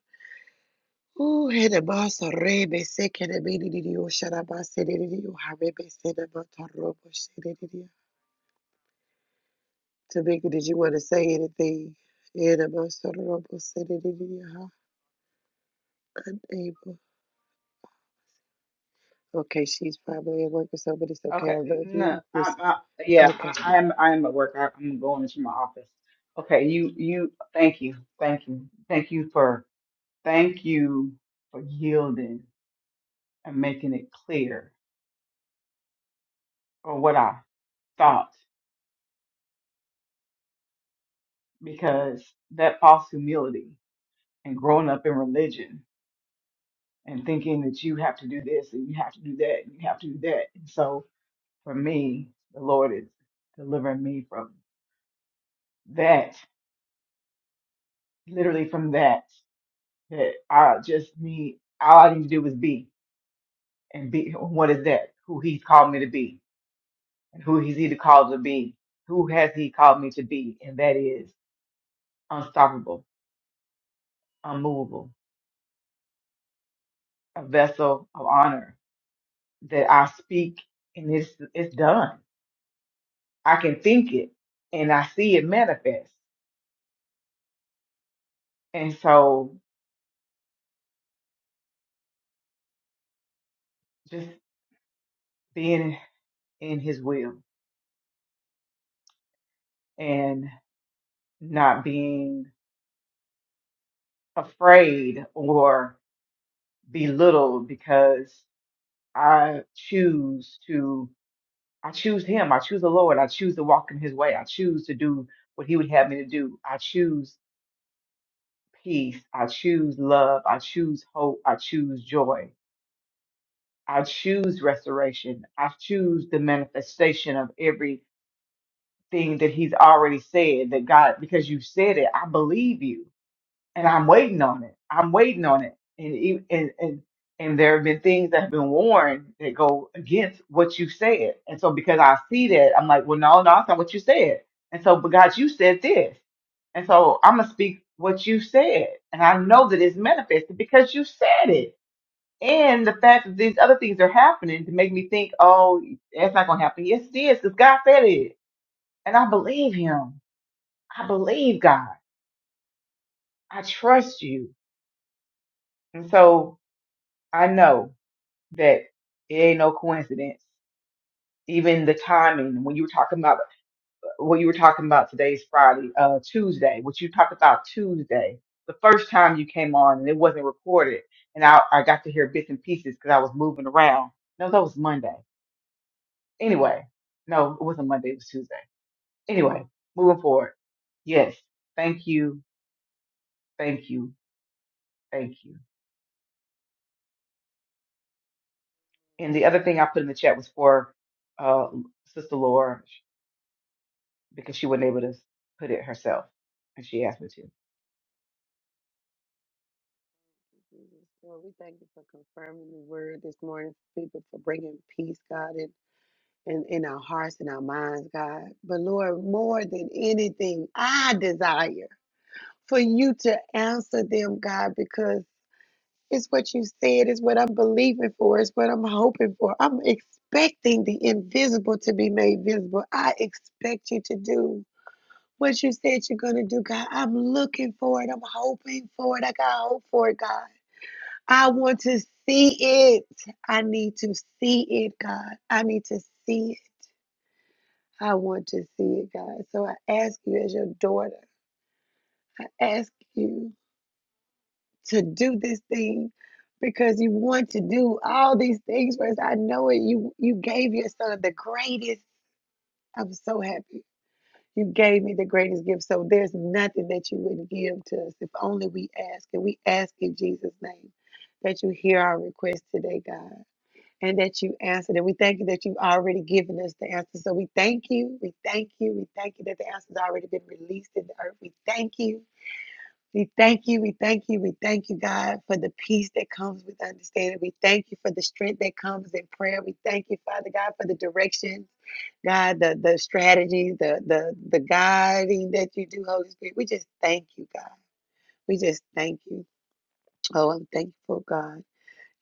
Speaker 1: Ooh, and the boss of Rebe second and the meaning in you, shut up, I said it in you, the you. Tamika, did you want to say anything? And I'm also the rumble sitting in your heart, unable. Okay, she's probably at work or something, but it's okay.
Speaker 5: Okay.
Speaker 1: I love
Speaker 5: No.
Speaker 1: you.
Speaker 5: I,
Speaker 1: Res-
Speaker 5: I, yeah.
Speaker 1: Okay.
Speaker 5: I, I am. I am at work. I, I'm going into my office. Okay. You. You. Thank you. Thank you. Thank you for. Thank you for yielding and making it clear or what I thought because that false humility and growing up in religion and thinking that you have to do this and you have to do that and you have to do that. And so for me, the Lord is delivering me from that, literally from that. that I just need all I need to do is be and be what is that? Who he's called me to be and who he's either called to be. Who has he called me to be? And that is unstoppable, unmovable, a vessel of honor that I speak and it's it's done. I can think it and I see it manifest. And so just being in his will and not being afraid or belittled because I choose to, I choose Him. I choose the Lord. I choose to walk in His way. I choose to do what He would have me to do. I choose peace. I choose love. I choose hope. I choose joy. I choose restoration. I choose the manifestation of everything that He's already said that God, because you said it, I believe you. and I'm waiting on it. I'm waiting on it. And e- and and and there have been things that have been warned that go against what you said. And so because I see that, I'm like, well, no, no, that's not what you said. And so, but God, you said this. And so I'm gonna speak what you said. And I know that it's manifested because you said it. And the fact that these other things are happening to make me think, oh, that's not gonna happen. Yes, it is, because God said it. And I believe him. I believe God. I trust you. And so I know that it ain't no coincidence. Even the timing when you were talking about what you were talking about today's Friday, uh, Tuesday, what you talked about Tuesday, the first time you came on and it wasn't recorded, and I I got to hear bits and pieces because I was moving around. No, that was Monday. Anyway, no, it wasn't Monday. It was Tuesday. Anyway, moving forward. Yes, thank you, thank you, thank you. And the other thing I put in the chat was for uh, Sister Laura. because she wasn't able to put it herself, and she asked me to.
Speaker 1: Jesus, Lord, we thank you for confirming the word this morning, for people for bringing peace, God, in, in, in our hearts and our minds, God. But Lord, more than anything, I desire for you to answer them, God, because It's what you said, it's what I'm believing for, it's what I'm hoping for. I'm expecting the invisible to be made visible. I expect you to do what you said you're going to do, God. I'm looking for it. I'm hoping for it. I got hope for it, God. I want to see it. I need to see it, God. I need to see it. I want to see it, God. So I ask you as your daughter, I ask you. to do this thing because you want to do all these things for us. I know it. You you gave your son the greatest. I'm so happy. You gave me the greatest gift. So there's nothing that you wouldn't give to us if only we ask. And we ask in Jesus' name that you hear our request today, God, and that you answer. And we thank you that you've already given us the answer. So we thank you. We thank you. We thank you that the answer's already been released in the earth. We thank you we thank you, we thank you, we thank you, God, for the peace that comes with understanding. We thank you for the strength that comes in prayer. We thank you, Father God, for the directions, God, the the strategies, the the the guiding that you do, Holy Spirit. We just thank you, God. We just thank you. Oh, I'm thankful, God.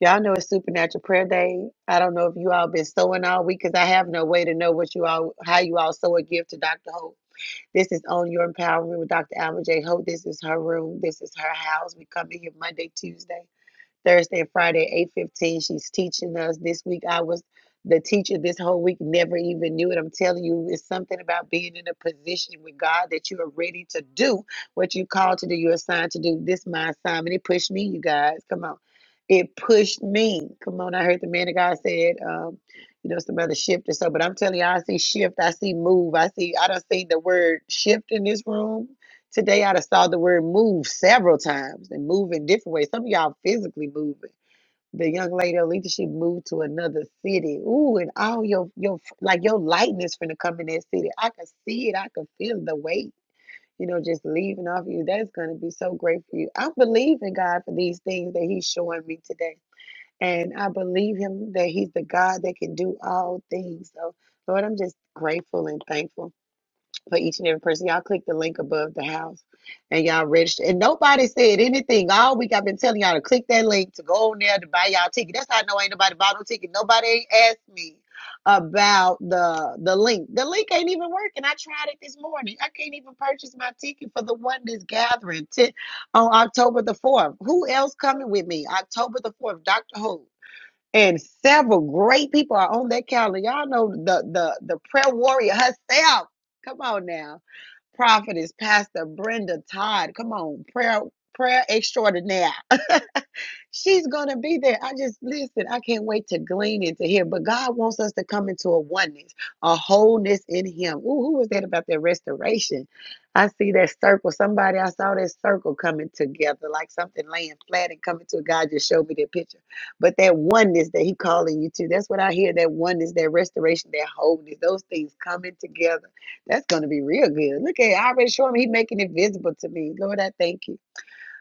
Speaker 1: Y'all know it's Supernatural Prayer Day. I don't know if you all been sowing all week because I have no way to know what you all, how you all sow a gift to Dr. Hope. This is on your empowerment with Dr. Alma J. Hope. This is her room. This is her house. We come in here Monday, Tuesday. Thursday and Friday at eight fifteen. She's teaching us. This week I was the teacher this whole week, never even knew it. I'm telling you, it's something about being in a position with God that you are ready to do what you called to do, you're assigned to do. This my assignment. It pushed me, you guys. Come on. It pushed me. Come on. I heard the man of God said, um, you know, some other shift or so. But I'm telling you, I see shift, I see move, I see I don't see the word shift in this room. Today I done saw the word move several times and move in different ways. Some of y'all physically moving. The young lady of leadership moved to another city. Ooh, and all your your like your lightness finna come in that city. I can see it. I can feel the weight. You know, just leaving off you. That's gonna be so great for you. I believe in God for these things that He's showing me today. And I believe him that he's the God that can do all things. So Lord, I'm just grateful and thankful for each and every person. Y'all click the link above the house and y'all register. And nobody said anything all week. I've been telling y'all to click that link to go on there to buy y'all ticket. That's how I know ain't nobody bought no ticket. Nobody ain't asked me about the the link. The link ain't even working. I tried it this morning. I can't even purchase my ticket for the one that's gathering t- on October the 4th. Who else coming with me? October the 4th, Dr. Who and several great people are on that calendar. Y'all know the the the prayer warrior herself. Come on now, prophetess Pastor Brenda Todd. Come on, prayer prayer extraordinaire. She's gonna be there. I just listen, I can't wait to glean into here. But God wants us to come into a oneness, a wholeness in Him. Ooh, who was that about that restoration? I see that circle. Somebody, I saw that circle coming together, like something laying flat and coming to a God just showed me that picture. But that oneness that He calling you to, that's what I hear. That oneness, that restoration, that wholeness, those things coming together. That's gonna be real good. Look at it. I already showing him. He making it visible to me. Lord, I thank you.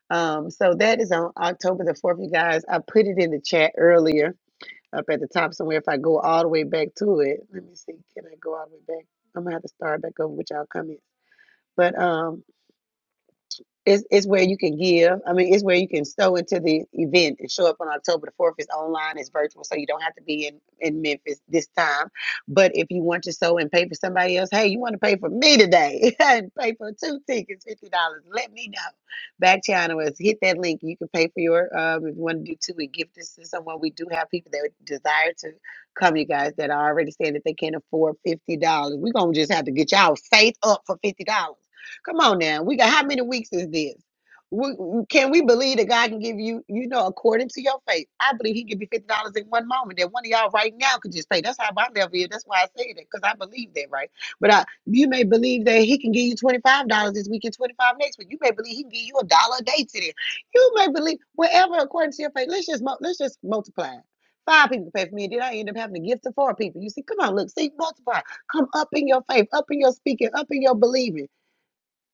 Speaker 1: Um, so that is on October the 4th, you guys. I put it in the chat earlier up at the top somewhere. If I go all the way back to it, let me see. Can I go all the way back? I'm gonna have to start back over with y'all comments. But um it's, it's where you can give. I mean, it's where you can sew into the event and show up on October the 4th. It's online, it's virtual, so you don't have to be in, in Memphis this time. But if you want to sew and pay for somebody else, hey, you want to pay for me today and pay for two tickets, $50, let me know. Back channel us, hit that link. You can pay for your, um, if you want to do two and give this to someone. We do have people that desire to come, you guys, that are already saying that they can't afford $50. We're going to just have to get y'all faith up for $50 Come on now. We got how many weeks is this? We, can we believe that God can give you, you know, according to your faith? I believe He can give you $50 in one moment that one of y'all right now could just say, That's how my level is. That's why I said it, because I believe that, right? But I, you may believe that He can give you $25 this week and 25 dollars next week. You may believe He can give you a dollar a day today. You may believe whatever according to your faith. Let's just, mul- let's just multiply. it. Five people pay for me, and then I end up having to give to four people. You see, come on, look, see, multiply. Come up in your faith, up in your speaking, up in your believing.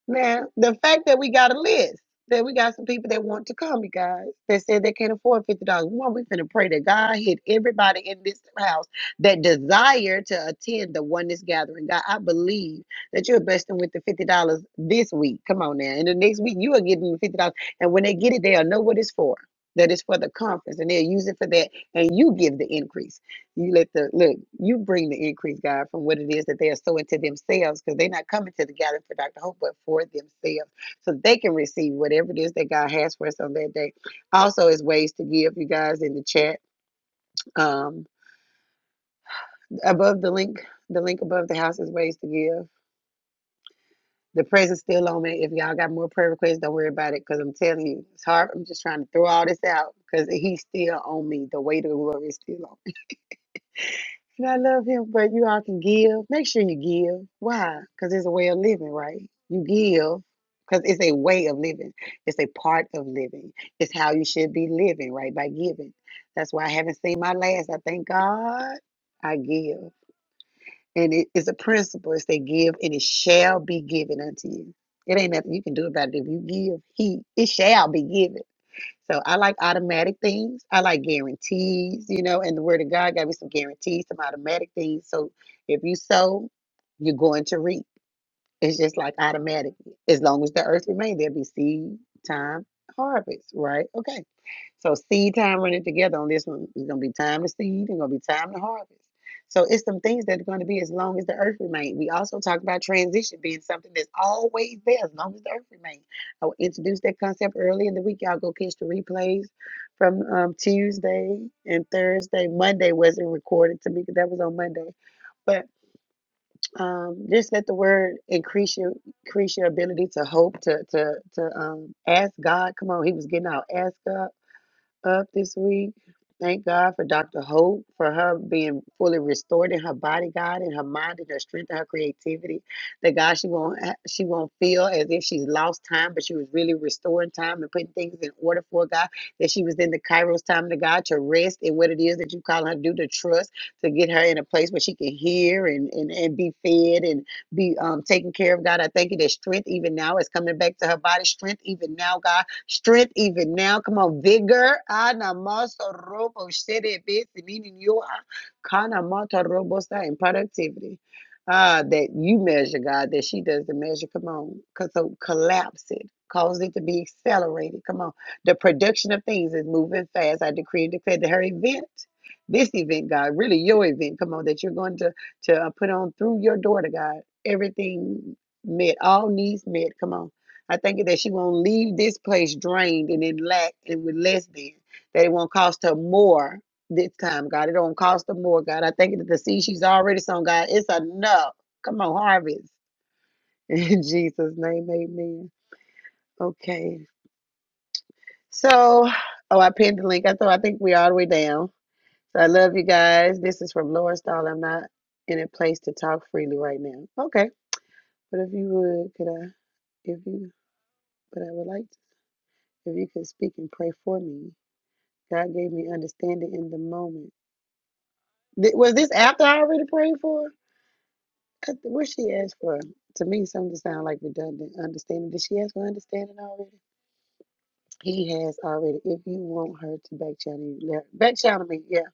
Speaker 1: Now, the fact that we got a list, that we got some people that want to come, you guys, that said they can't afford fifty dollars. One, we finna pray that God hit everybody in this house that desire to attend the oneness gathering. God, I believe that you're blessing with the fifty dollars this week. Come on now, and the next week you are getting the fifty dollars, and when they get it, they'll know what it's for. That it's for the conference, and they'll use it for that, and you give the increase. You let the look, you bring the increase, God, from what it is that they are sowing to themselves, because they're not coming to the gathering for Dr. Hope, but for themselves. So they can receive whatever it is that God has for us on that day. Also, is ways to give, you guys, in the chat. Um, above the link, the link above the house is ways to give. The prayers is still on me. If y'all got more prayer requests, don't worry about it, because I'm telling you, it's hard. I'm just trying to throw all this out because he's still on me. The weight of the glory is still on And I love him, but you all can give. Make sure you give. Why? Because it's a way of living, right? You give because it's a way of living. It's a part of living. It's how you should be living, right? By giving. That's why I haven't seen my last. I thank God I give. And it is a principle. It's a give and it shall be given unto you. It ain't nothing you can do about it. If you give, he it shall be given. So I like automatic things. I like guarantees, you know, and the word of God gave me some guarantees, some automatic things. So if you sow, you're going to reap. It's just like automatic. As long as the earth remains, there'll be seed, time, harvest, right? Okay. So seed time running together on this one is gonna be time to seed and gonna be time to harvest. So it's some things that are gonna be as long as the earth remains. We also talked about transition being something that's always there as long as the earth remains. I introduced that concept early in the week. Y'all go catch the replays from um, Tuesday and Thursday. Monday wasn't recorded to me because that was on Monday. But um, just let the word increase your increase your ability to hope to to to um, ask God. Come on, he was getting out. Ask God up this week. Thank God for Dr. Hope for her being fully restored in her body, God, in her mind, and her strength, and her creativity. That God, she won't ha- she won't feel as if she's lost time, but she was really restoring time and putting things in order for God. That she was in the Kairos time to God to rest in what it is that you call her to do to trust to get her in a place where she can hear and and, and be fed and be um, taken care of. God, I thank you that strength even now is coming back to her body. Strength even now, God strength even now. Come on, vigor. Ana maso robo shere besi, meaning you are kana mata robo in productivity. Ah, that you measure, God, that she doesn't measure. Come on, cause So collapse it. Cause it to be accelerated. Come on. The production of things is moving fast. I decree and declare that her event, this event, God, really your event, come on, that you're going to, to uh, put on through your daughter, God, everything met, all needs met. Come on I thank you that she won't leave this place drained and in lack and with less than. That it won't cost her more this time, God. It don't cost her more, God. I thank you that the seed she's already sown, God, it's enough. Come on, harvest. In Jesus' name, amen. Okay. So, oh, I pinned the link. I thought I think we're all the way down. So I love you guys. This is from Laura Stahl. I'm not in a place to talk freely right now. Okay. But if you would, could I, if you, but I would like to, if you could speak and pray for me. God gave me understanding in the moment. Th- was this after I already prayed for? her? I th- What she asked for? To me, something to sound like redundant. Understanding. Did she ask for understanding already? He has already. If you want her to back channel you, let- back channel me. Yeah,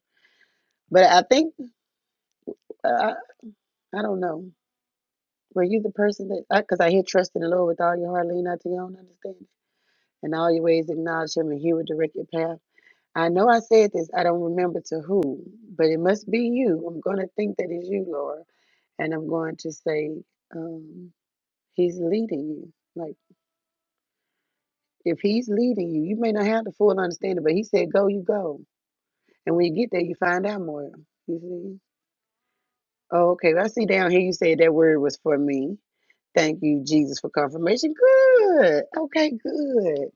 Speaker 1: but I think uh, I don't know. Were you the person that? Because I, 'cause I hear trust in the Lord with all your heart, lean not to your own understanding, and all your ways acknowledge Him, and He will direct your path. I know I said this. I don't remember to who, but it must be you. I'm gonna think that is you, Lord. And I'm going to say, um, He's leading you. Like, if He's leading you, you may not have the full understanding, but He said, Go, you go. And when you get there, you find out more. You see? Oh, okay. I see down here you said that word was for me. Thank you, Jesus, for confirmation. Good. Okay, good.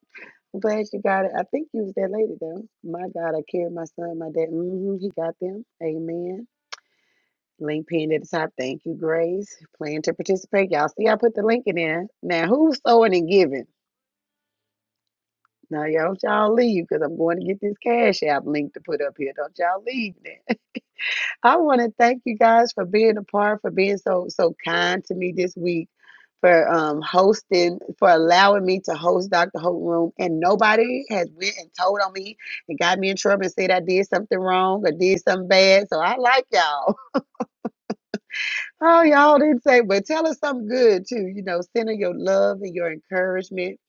Speaker 1: I'm glad you got it. I think you was that lady, though. My God, I carried my son, my dad. hmm he got them. Amen. Link pinned at the top. Thank you, Grace. Plan to participate. Y'all see, I put the link in there. Now, who's sewing and giving? Now, y'all y'all leave because I'm going to get this Cash App link to put up here. Don't y'all leave that. I want to thank you guys for being a part, for being so so kind to me this week, for um hosting, for allowing me to host Dr. Hope Room. And nobody has went and told on me and got me in trouble and said I did something wrong or did something bad. So I like y'all. Oh, y'all didn't say, but tell us something good too. You know, send her your love and your encouragement.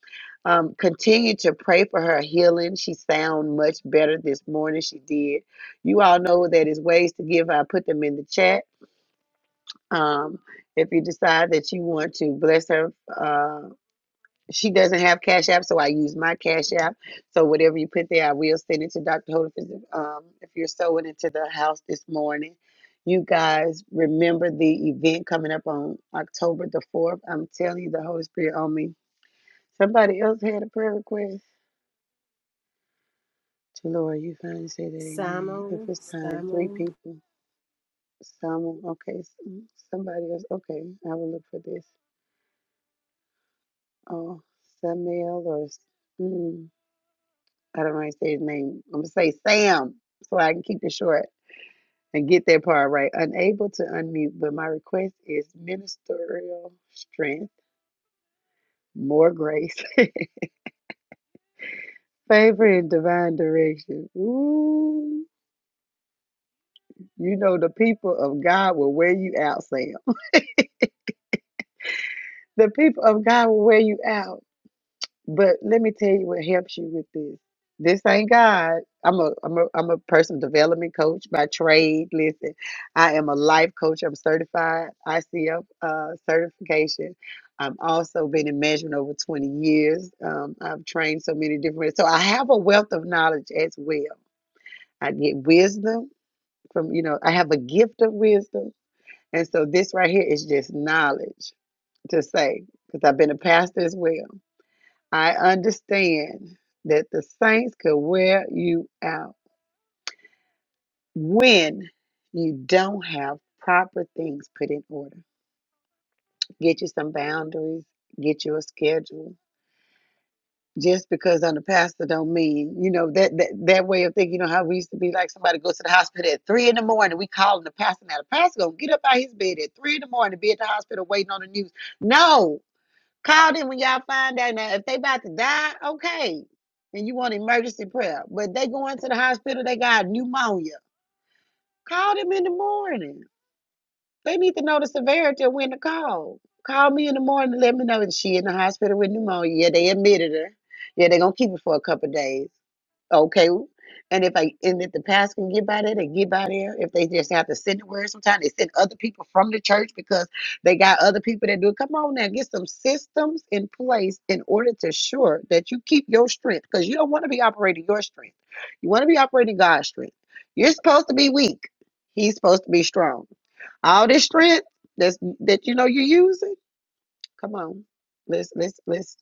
Speaker 1: Um, continue to pray for her healing. She sound much better this morning. She did. You all know that is ways to give. I put them in the chat. Um, if you decide that you want to bless her, uh, she doesn't have Cash App, so I use my Cash App. So whatever you put there, I will send it to Dr. Holders. Um, if you're sewing into the house this morning, you guys remember the event coming up on October the 4th. I'm telling you, the Holy Spirit on me. Somebody else had a prayer request. To Lord, you finally say that, amen. If
Speaker 2: Samuel.
Speaker 1: it's time, three
Speaker 2: Samuel.
Speaker 1: people. Someone, okay, somebody else, okay, I will look for this. Oh, Samuel or, mm, I don't want to say his name. I'm gonna say Sam, so I can keep it short and get that part right. Unable to unmute, but my request is ministerial strength, more grace, favor, and divine direction. Ooh, you know the people of God will wear you out, Sam. The people of God will wear you out. But let me tell you what helps you with this. This ain't God. I'm a I'm a I'm a personal development coach by trade. Listen, I am a life coach. I'm certified ICF uh, certification. I'm also been in management over 20 years. Um, I've trained so many different. So I have a wealth of knowledge as well. I get wisdom from you know. I have a gift of wisdom, and so this right here is just knowledge to say because I've been a pastor as well. I understand that the saints could wear you out when you don't have proper things put in order. Get you some boundaries, get you a schedule. Just because I'm a pastor don't mean, you know, that, that that way of thinking, you know, how we used to be like somebody goes to the hospital at three in the morning, we calling the pastor now. The pastor gonna get up out of his bed at three in the morning, to be at the hospital waiting on the news. No, Call them when y'all find out. Now, if they about to die, okay, and you want emergency prayer, but they going to the hospital, they got pneumonia. Call them in the morning. They need to know the severity of when to call. Call me in the morning, and let me know that she in the hospital with pneumonia. Yeah, they admitted her. Yeah, they gonna keep her for a couple of days. Okay. And if I and if the past can get by there, they get by there. If they just have to send the word sometimes, they send other people from the church because they got other people that do it. Come on now, get some systems in place in order to sure that you keep your strength because you don't want to be operating your strength. You want to be operating God's strength. You're supposed to be weak. He's supposed to be strong. All this strength that's that you know you're using. Come on. Let's let's let's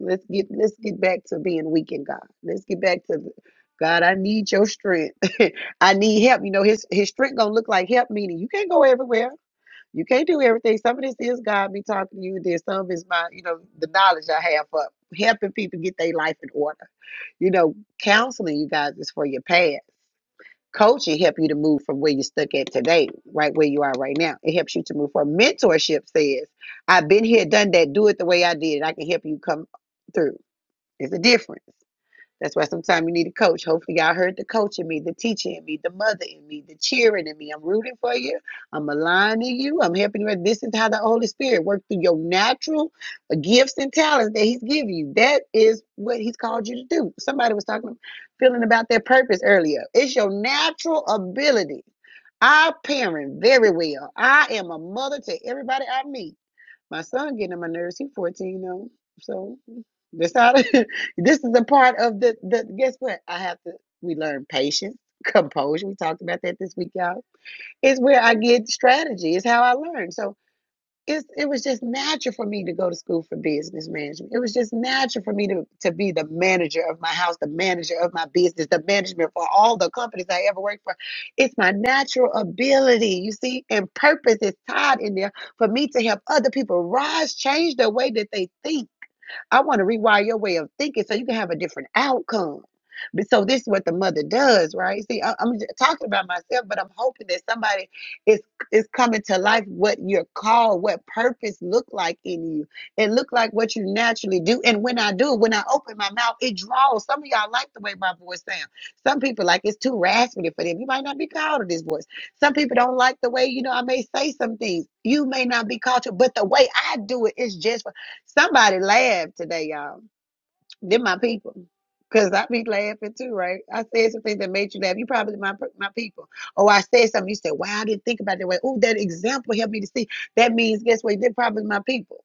Speaker 1: let's get let's get back to being weak in God. Let's get back to the- God, I need your strength. I need help. You know, his his strength gonna look like help, meaning you can't go everywhere. You can't do everything. Some of this is God me talking to you. and Then some is my, you know, the knowledge I have for helping people get their life in order. You know, counseling you guys is for your past. Coaching help you to move from where you're stuck at today, right where you are right now. It helps you to move forward. Mentorship says, I've been here, done that, do it the way I did it. I can help you come through. It's a difference. That's why sometimes you need a coach. Hopefully, y'all heard the coach in me, the teacher in me, the mother in me, the cheering in me. I'm rooting for you. I'm aligning you. I'm helping you. This is how the Holy Spirit works through your natural gifts and talents that He's giving you. That is what He's called you to do. Somebody was talking, feeling about their purpose earlier. It's your natural ability. I parent very well. I am a mother to everybody I meet. My son getting on my nerves. He's 14 though. So this how to- this is a part of the, the guess what? I have to we learn patience, composure. We talked about that this week, y'all. It's where I get strategy. It's how I learn. So it's it was just natural for me to go to school for business management. It was just natural for me to, to be the manager of my house, the manager of my business, the management for all the companies I ever worked for. It's my natural ability, you see, and purpose is tied in there for me to help other people rise, change the way that they think. I want to rewire your way of thinking so you can have a different outcome. But so this is what the mother does, right? See, I, I'm j- talking about myself, but I'm hoping that somebody is is coming to life what your call, what purpose look like in you. It look like what you naturally do. And when I do, when I open my mouth, it draws. Some of y'all like the way my voice sounds. Some people like it's too raspy for them. You might not be called to this voice. Some people don't like the way you know I may say some things. You may not be called to, but the way I do it is just. Somebody laughed today, y'all. They're my people. Because I be laughing too, right? I said some things that made you laugh. You probably my my people. Or I said something, you said, wow, I didn't think about it that way. Oh, that example helped me to see. That means, guess what? They're probably my people.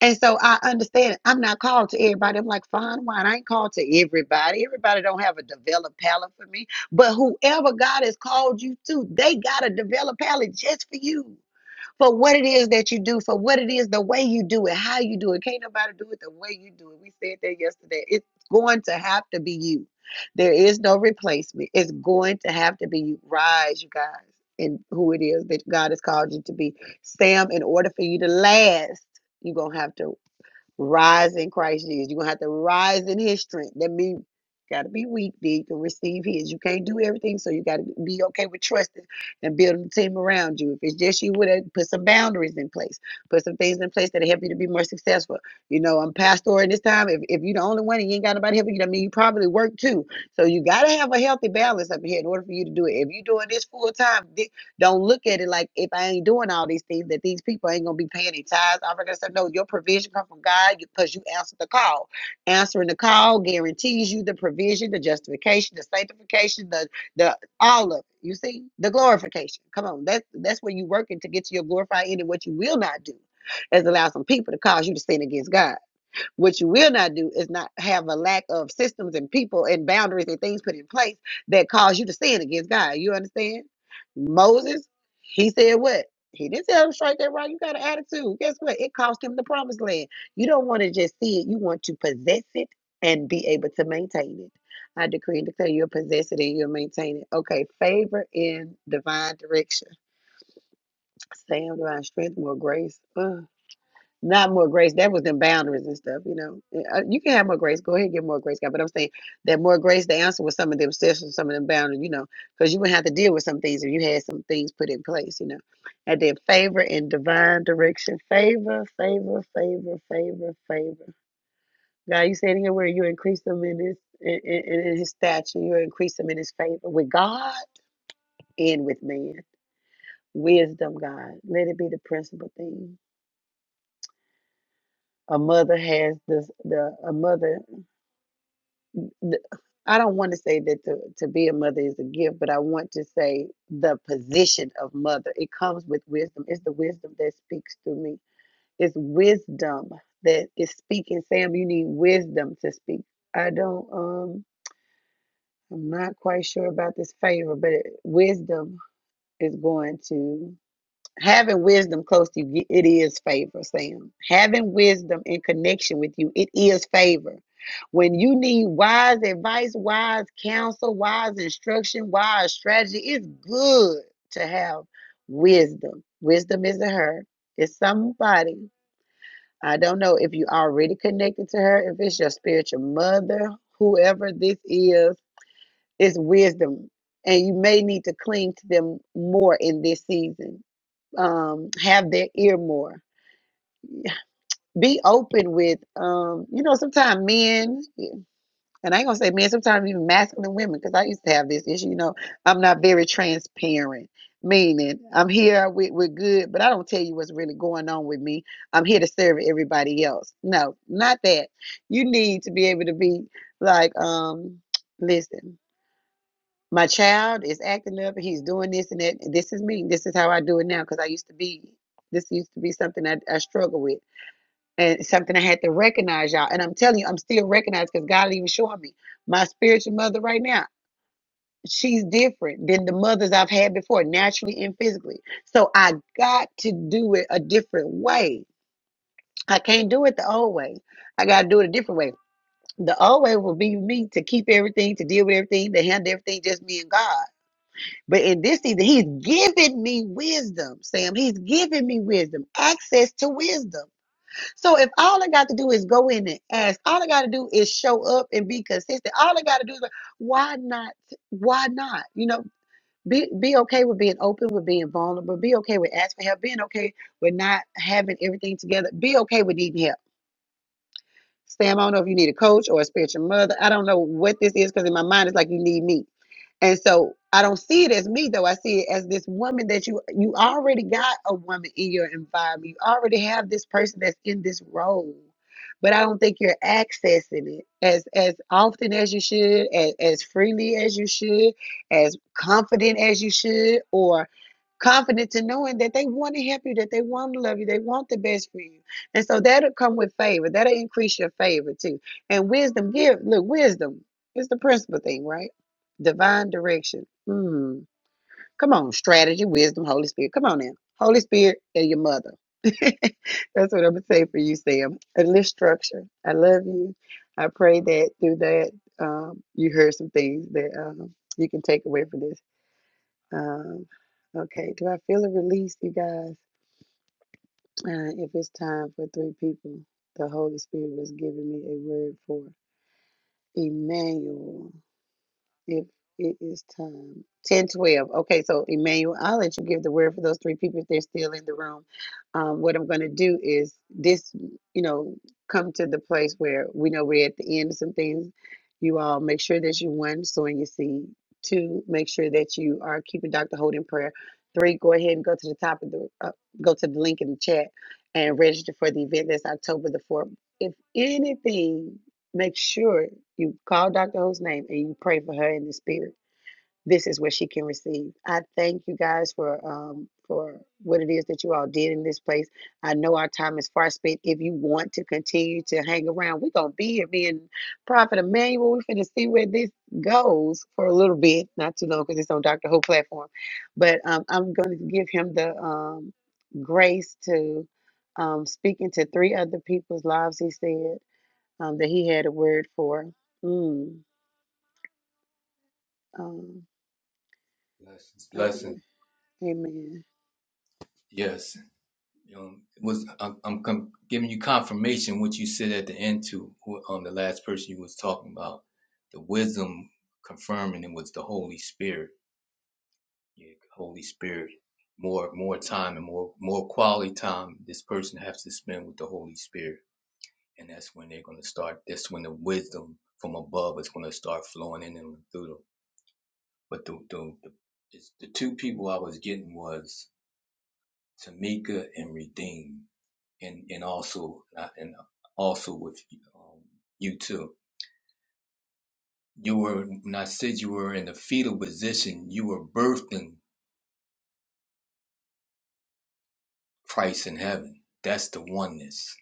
Speaker 1: And so I understand I'm not called to everybody. I'm like, fine wine. I ain't called to everybody. Everybody don't have a developed palate for me. But whoever God has called you to, they got a developed palate just for you for what it is that you do, for what it is, the way you do it, how you do it. Can't nobody do it the way you do it. We said that yesterday. It's going to have to be you. There is no replacement. It's going to have to be you. Rise, you guys, in who it is that God has called you to be. Sam, in order for you to last, you're going to have to Rise in Christ Jesus. You're gonna have to rise in his strength. That means gotta be weak big to receive his. You can't do everything, so you gotta be okay with trusting and building a team around you. If it's just you with it, put some boundaries in place. Put some things in place that help you to be more successful. You know, I'm pastoring this time. If, if you're the only one and you ain't got nobody helping you, that mean you probably work too. So you gotta have a healthy balance up here in order for you to do it. If you're doing this full time, don't look at it like if I ain't doing all these things that these people ain't gonna be paying any tithes, gonna say No, your provision come from God because you answered the call. Answering the call guarantees you the provision, the justification, the sanctification, the the all of it. You see the glorification. Come on, that's that's where you working to get to your glorified end. And what you will not do is allow some people to cause you to sin against God. What you will not do is not have a lack of systems and people and boundaries and things put in place that cause you to sin against God. You understand? Moses, he said what? He didn't tell him straight that right. You got an attitude. Guess what? It cost him the promised land. You don't want to just see it. You want to possess it and be able to maintain it. I decree and declare you'll possess it and you'll maintain it. Okay, favor in divine direction. Sam, divine strength, more grace. Ugh. Not more grace. That was them boundaries and stuff, you know. Uh, You can have more grace. Go ahead and get more grace, God. But I'm saying that more grace, the answer was some of them systems, some of them boundaries, you know, because you would have to deal with some things if you had some things put in place, you know. And then favor and divine direction. Favor, favor, favor, favor, favor. God, you said here where you increase them in his in, in, in his stature, you increase them in his favor with God and with man. Wisdom, God. Let it be the principal thing a mother has this the a mother th- I don't want to say that to, to be a mother is a gift, but I want to say the position of mother. It comes with wisdom. It's the wisdom that speaks through me. It's wisdom that is speaking. Sam, you need wisdom to speak. I don't, um, I'm not quite sure about this favor, but it, wisdom is going to having wisdom close to you it is favor sam having wisdom in connection with you it is favor when you need wise advice wise counsel wise instruction wise strategy it's good to have wisdom wisdom isn't her it's somebody i don't know if you already connected to her if it's your spiritual mother whoever this is it's wisdom and you may need to cling to them more in this season um, have their ear more. Be open with, um, you know, sometimes men, and I ain't gonna say men, sometimes even masculine women, because I used to have this issue, you know, I'm not very transparent, meaning I'm here with, with good, but I don't tell you what's really going on with me. I'm here to serve everybody else. No, not that. You need to be able to be like, um, listen. My child is acting up. He's doing this and that. This is me. This is how I do it now because I used to be, this used to be something I, I struggle with and something I had to recognize, y'all. And I'm telling you, I'm still recognized because God even showing me my spiritual mother right now. She's different than the mothers I've had before, naturally and physically. So I got to do it a different way. I can't do it the old way. I got to do it a different way. The old way will be me to keep everything, to deal with everything, to handle everything, just me and God But in this season, he's given me wisdom, Sam. He's given me wisdom, access to wisdom. So if all I got to do is go in and ask, all I got to do is show up and be consistent. All I got to do is like, why not? Why not? You know, be be okay with being open, with being vulnerable. Be okay with asking for help. Being okay with not having everything together. Be okay with needing help. Sam, I don't know if you need a coach or a spiritual mother. I don't know what this is because in my mind it's like you need me. And so I don't see it as me though. I see it as this woman that you you already got a woman in your environment. You already have this person that's in this role. But I don't think you're accessing it as as often as you should, as, as freely as you should, as confident as you should, or confident to knowing that they want to help you, that they want to love you, they want the best for you. And so that'll come with favor. That'll increase your favor too. And wisdom give look, wisdom is the principal thing, right? Divine direction. Mm. Come on, strategy, wisdom, Holy Spirit. Come on now. Holy Spirit and your mother. That's what I'm going to say for you, Sam. A list structure. I love you. I pray that through that, um, you heard some things that um, you can take away from this. Um, okay, do I feel a release, you guys? Uh, if it's time for three people, the Holy Spirit was giving me a word for Emmanuel. If it is time. 10 12 Okay, so Emmanuel, I'll let you give the word for those three people if they're still in the room. Um, what I'm going to do is this, you know, come to the place where we know we're at the end of some things. You all make sure that you, one, sowing your seed. Two, make sure that you are keeping Dr. Holt in prayer. Three, go ahead and go to the top of the, uh, go to the link in the chat and register for the event. That's October the 4th. If anything make sure you call Dr. Ho's name and you pray for her in the spirit. This is what she can receive. I thank you guys for um for what it is that you all did in this place. I know our time is far spent. If you want to continue to hang around, we're gonna be here. Me and Prophet Emmanuel, we're gonna see where this goes for a little bit, not too long because it's on Dr. Ho platform. But um, I'm gonna give him the um grace to um speak into three other people's lives, he said um, that he had a word for. Mm, um,
Speaker 3: you. Blessings,
Speaker 1: I
Speaker 3: blessings.
Speaker 1: believe. Amen.
Speaker 3: Yes. Um, it was I'm, I'm com- giving you confirmation what you said at the end to who- um, the last person you was talking about. The wisdom confirming it was the Holy Spirit. Yeah, Holy Spirit. More more time and more more quality time this person has to spend with the Holy Spirit. And that's when they're gonna start that's when the wisdom from above is gonna start flowing in and through them But the the the, it's, the two people I was getting was Tamika and Redeem, and and also uh, and also with um, you too. You were when I said you were in the fetal position, you were birthing Christ in heaven. That's the oneness.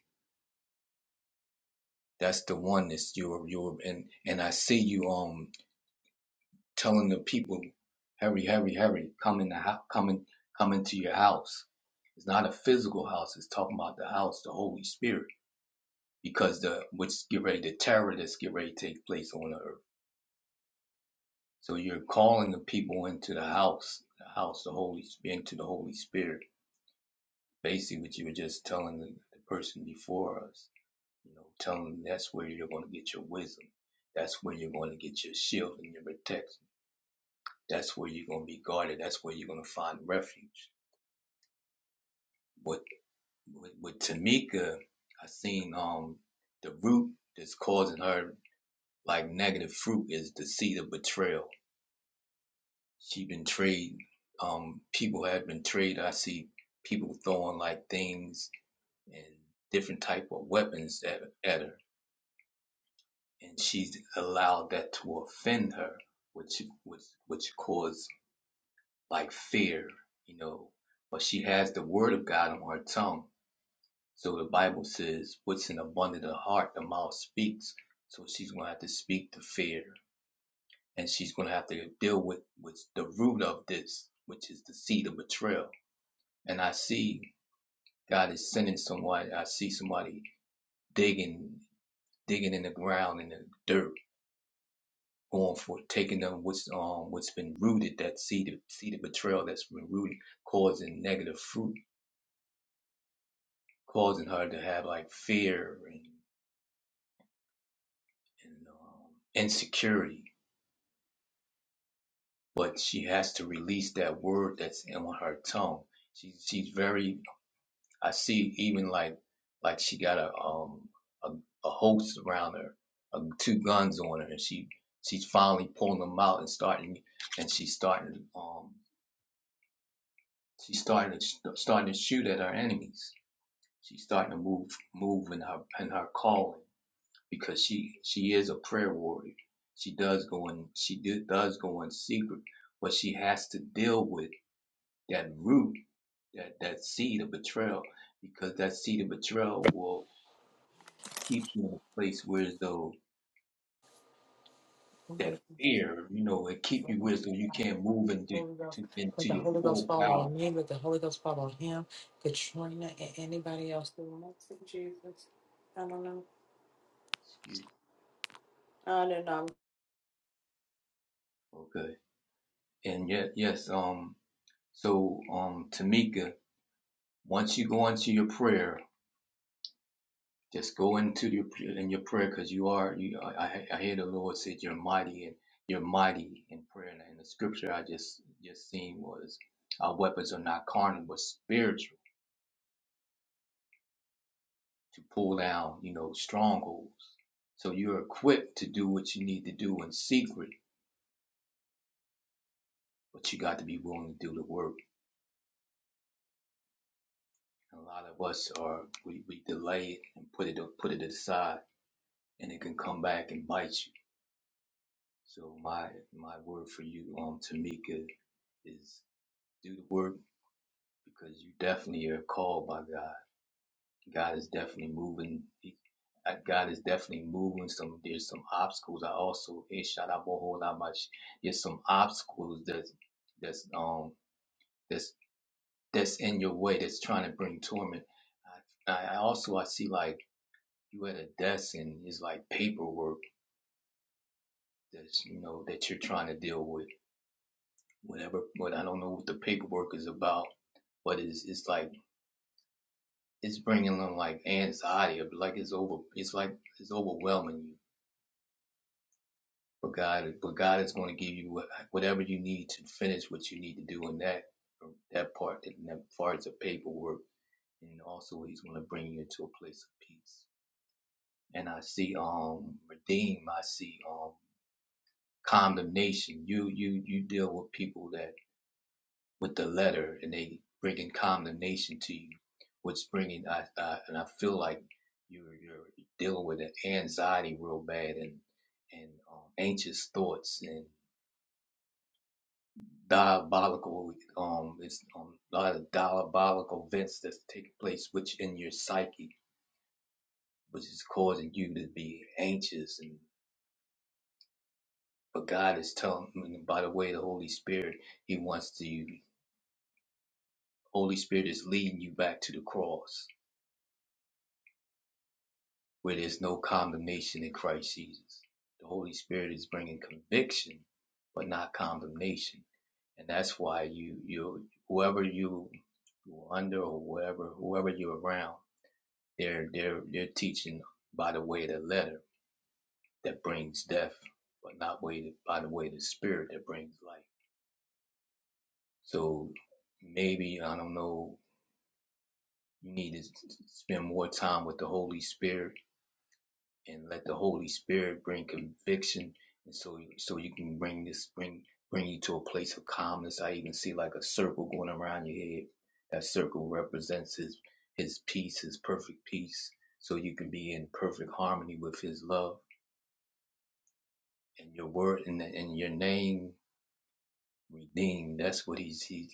Speaker 3: That's the oneness. You were you were and and I see you um telling the people, hurry, hurry, hurry, come in the house, come in, come into your house. It's not a physical house. It's talking about the house, the Holy Spirit because the which get ready the terror that's get ready to take place on the earth. So you're calling the people into the house, the house, the Holy Spirit, into the Holy Spirit. Basically, what you were just telling the, the person before us, you know, telling them that's where you're going to get your wisdom, that's where you're going to get your shield and your protection, that's where you're going to be guarded, that's where you're going to find refuge. What with, with Tamika, I seen um the root that's causing her like negative fruit is the seed of betrayal She been trade. Um, people have been trade. I see people throwing like things and different type of weapons at, at her, and she's allowed that to offend her, which which which caused like fear, you know. But she has the word of God on her tongue, so the Bible says, "What's in abundant of heart, the mouth speaks." So she's gonna have to speak the fear, and she's gonna have to deal with with the root of this, which is the seed of betrayal and I see God is sending somebody. I see somebody digging, digging in the ground in the dirt, going for it, taking them what's um what's been rooted. That seed of seed of betrayal that's been rooted, causing negative fruit, causing her to have like fear and, and um, insecurity. But she has to release that word that's in her tongue. She's she's very I see even like like she got a um a, a host around her, uh, two guns on her, and she she's finally pulling them out and starting and she's starting um she's starting to, sh- starting to shoot at her enemies. She's starting to move move in her in her calling because she she is a prayer warrior. She does go in she do, does go in secret, but she has to deal with that root that that seed of betrayal because that seed of betrayal will keep you in a place where though
Speaker 6: Holy
Speaker 3: that fear, you know, it keep you where though you can't move into
Speaker 6: Ghost,
Speaker 3: to,
Speaker 6: let
Speaker 3: into
Speaker 6: the
Speaker 3: your
Speaker 6: Holy Ghost
Speaker 3: full
Speaker 6: fall
Speaker 3: power.
Speaker 6: on me, let the Holy Ghost fall on him, Katrina, and anybody else who wants it, Jesus. I don't know.
Speaker 3: Excuse
Speaker 6: I don't know.
Speaker 3: Okay. And yet, yes. Um. So, um, Tamika, once you go into your prayer, just go into your in your prayer because you are you. I I I hear the Lord said you're mighty and you're mighty in prayer. And the scripture I just just seen was our weapons are not carnal but spiritual to pull down, you know, strongholds. So you're equipped to do what you need to do in secret, but you got to be willing to do the work. And a lot of us are we, we delay it and put it put it aside, and it can come back and bite you. So my my word for you, um, Tamika, is do the work because you definitely are called by God. God is definitely moving. He, uh, God is definitely moving some. There's some obstacles. I also eh, shout out a whole lot much. There's some obstacles that's that's um that's that's in your way that's trying to bring torment. I, I I also I see like you at a desk and it's like paperwork that's you know that you're trying to deal with. Whatever, but I don't know what the paperwork is about. But it's it's like it's bringing them like anxiety. Like it's over. It's like it's overwhelming you But God, but God is going to give you whatever you need to finish what you need to do in that um, that part, in that far of the paperwork, and also He's going to bring you to a place of peace. And I see um redeem, I see um condemnation. You you you deal with people that with the letter, and they bringing condemnation to you, What's bringing I, I and I feel like you're you're dealing with an anxiety real bad and and um, anxious thoughts and. diabolical um it's um a lot of diabolical events that's taking place which in your psyche which is causing you to be anxious and but god is telling and by the way the holy spirit he wants to holy spirit is leading you back to the cross where there's no condemnation in christ jesus the holy spirit is bringing conviction but not condemnation and that's why you you whoever you you're under or whoever whoever you're around They're they're they're teaching by the way of the letter that brings death, but not way by the way of the spirit that brings life. So maybe I don't know. You need to spend more time with the Holy Spirit and let the Holy Spirit bring conviction, and so so you can bring this bring bring you to a place of calmness. I even see like a circle going around your head. That circle represents his his peace, his perfect peace. So you can be in perfect harmony with his love and your word and, and your name redeemed. That's what he's he,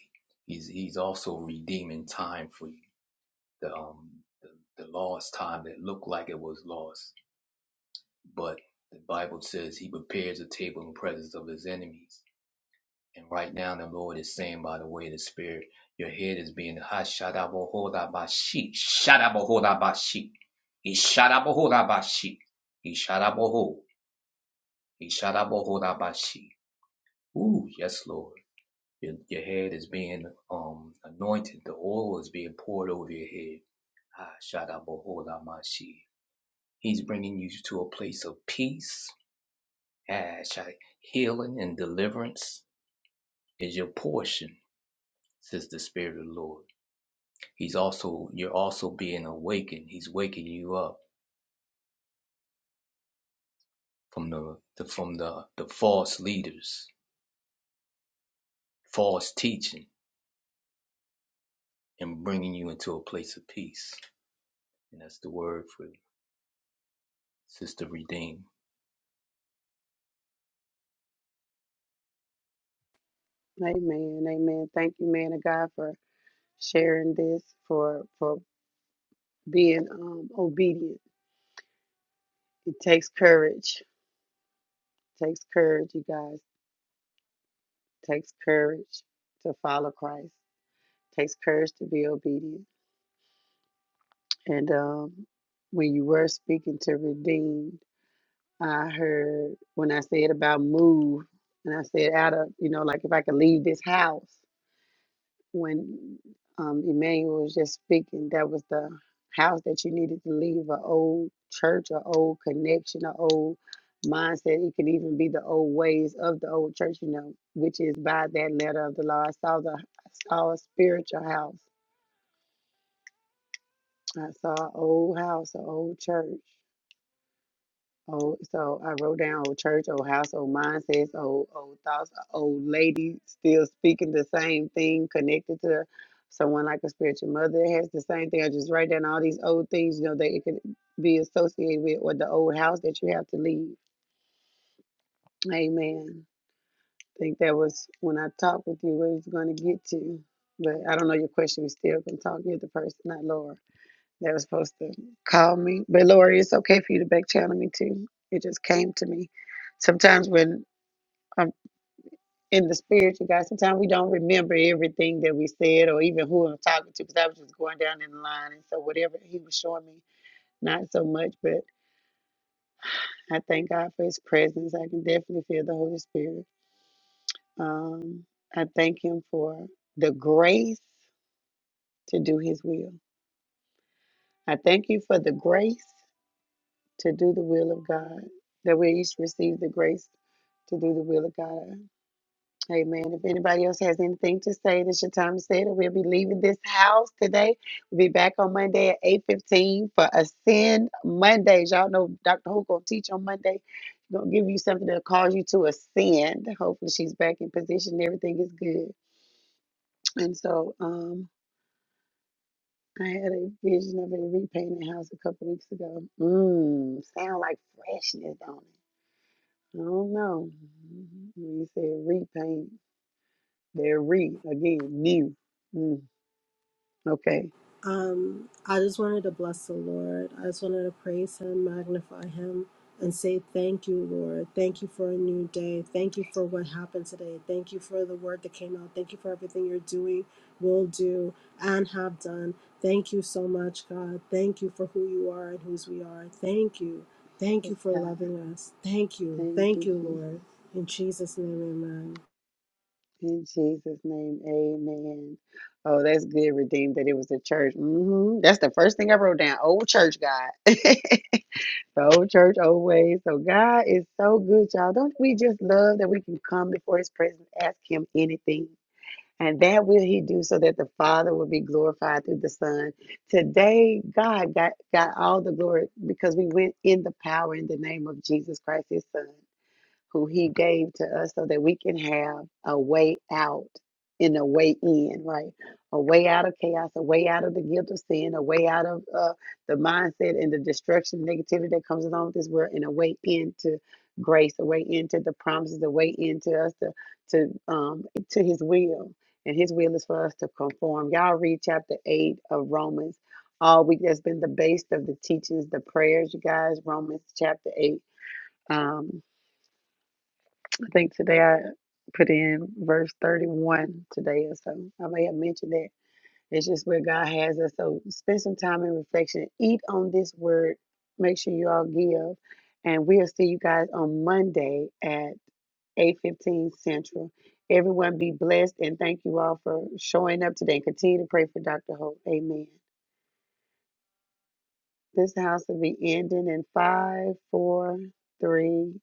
Speaker 3: he's he's also redeeming time for you. The um the, the lost time that looked like it was lost, but the Bible says he prepares a table in the presence of his enemies. And right now the Lord is saying by the way of the Spirit, your head is being hashadabohodabashi, shadabohodabashi, shadabohodabashi, ishadabohodabashi, ishadaboho, ishadabohodabashi. Ooh, yes, Lord. Your, your head is being um anointed. The oil is being poured over your head. Ah, shada bohola mashi. He's bringing you to a place of peace. Ah, shada. Healing and deliverance is your portion, says the Spirit of the Lord. He's also you're also being awakened. He's waking you up from the, the from the the false leaders, false teaching, and bringing you into a place of peace. And that's the word for Sister Redeemed.
Speaker 1: Amen. Amen. Thank you, man of God, for sharing this, for for being um, obedient. It takes courage. takes courage, you guys. takes courage to follow Christ. takes courage to be obedient. And um, when you were speaking to redeemed, I heard when I said about move, and I said out of you know like if I could leave this house. when um, Emmanuel was just speaking, that was the house that you needed to leave an old church, an old connection, an old mindset. It could even be the old ways of the old church, you know, which is by that letter of the law. I saw the I saw a spiritual house. I saw an old house, an old church. Oh, so I wrote down old church, old house, old mindsets, old old thoughts, old lady still speaking the same thing, connected to someone like a spiritual mother It has the same thing. I just write down all these old things, you know, that it could be associated with or the old house that you have to leave. Amen. I think that was when I talked with you where it's gonna get to. But I don't know your question. We still can talk. You're the person, not Laura. They were supposed to call me. But Lori, it's okay for you to back channel me too. It just came to me. Sometimes when I'm in the spirit, you guys, sometimes we don't remember everything that we said or even who I'm talking to because I was just going down in the line. And so whatever he was showing me, not so much, but I thank God for his presence. I can definitely feel the Holy Spirit. Um, I thank him for the grace to do his will. I thank you for the grace to do the will of God, that we each receive the grace to do the will of God. Amen. If anybody else has anything to say, this your time to say it. We'll be leaving this house today. We'll be back on Monday at 8.15 for Ascend Mondays. Y'all know Dr. Who going to teach on Monday. She's going to give you something that cause you to ascend. Hopefully she's back in position. and Everything is good. And so um, I had a vision of a repainted house a couple weeks ago. Mmm, sound like freshness, don't it? I don't know. Mm-hmm. When you say repaint, they're re again, new. Mm, okay.
Speaker 2: Um, I just wanted to bless the Lord. I just wanted to praise Him, magnify Him, and say thank you, Lord. Thank you for a new day. Thank you for what happened today. Thank you for the word that came out. Thank you for everything you're doing, will do, and have done. Thank you so much, God. Thank you for who you are and whose we are. Thank you. Thank
Speaker 1: Yes,
Speaker 2: you for
Speaker 1: God.
Speaker 2: loving us. Thank you.
Speaker 1: Thank
Speaker 2: Thank
Speaker 1: you,
Speaker 2: you,
Speaker 1: Jesus.
Speaker 2: Lord. In Jesus' name, amen.
Speaker 1: In Jesus' name, amen. Oh, that's good, redeemed, that it was the church. hmm That's the first thing I wrote down. Old church, God. the old church, old ways. So, God is so good, y'all. Don't we just love that we can come before his presence, ask him anything? And that will he do so that the Father will be glorified through the Son. Today, God got, got all the glory because we went in the power in the name of Jesus Christ, his Son who he gave to us so that we can have a way out and a way in, right? A way out of chaos, a way out of the guilt of sin, a way out of uh, the mindset and the destruction, negativity that comes along with this world, and a way into grace, a way into the promises, a way into us to to um to His will, and His will is for us to conform. Y'all read chapter eight of Romans all week. That's been the base of the teachings, the prayers, you guys. Romans chapter eight. Um. I think today I put in verse 31 today or so. I may have mentioned that. It's just where God has us. So spend some time in reflection. Eat on this word. Make sure you all give. And we'll see you guys on Monday at 8:15 Central. Everyone be blessed and thank you all for showing up today. Continue to pray for Dr. Hope. Amen. This house will be ending in five, four, three,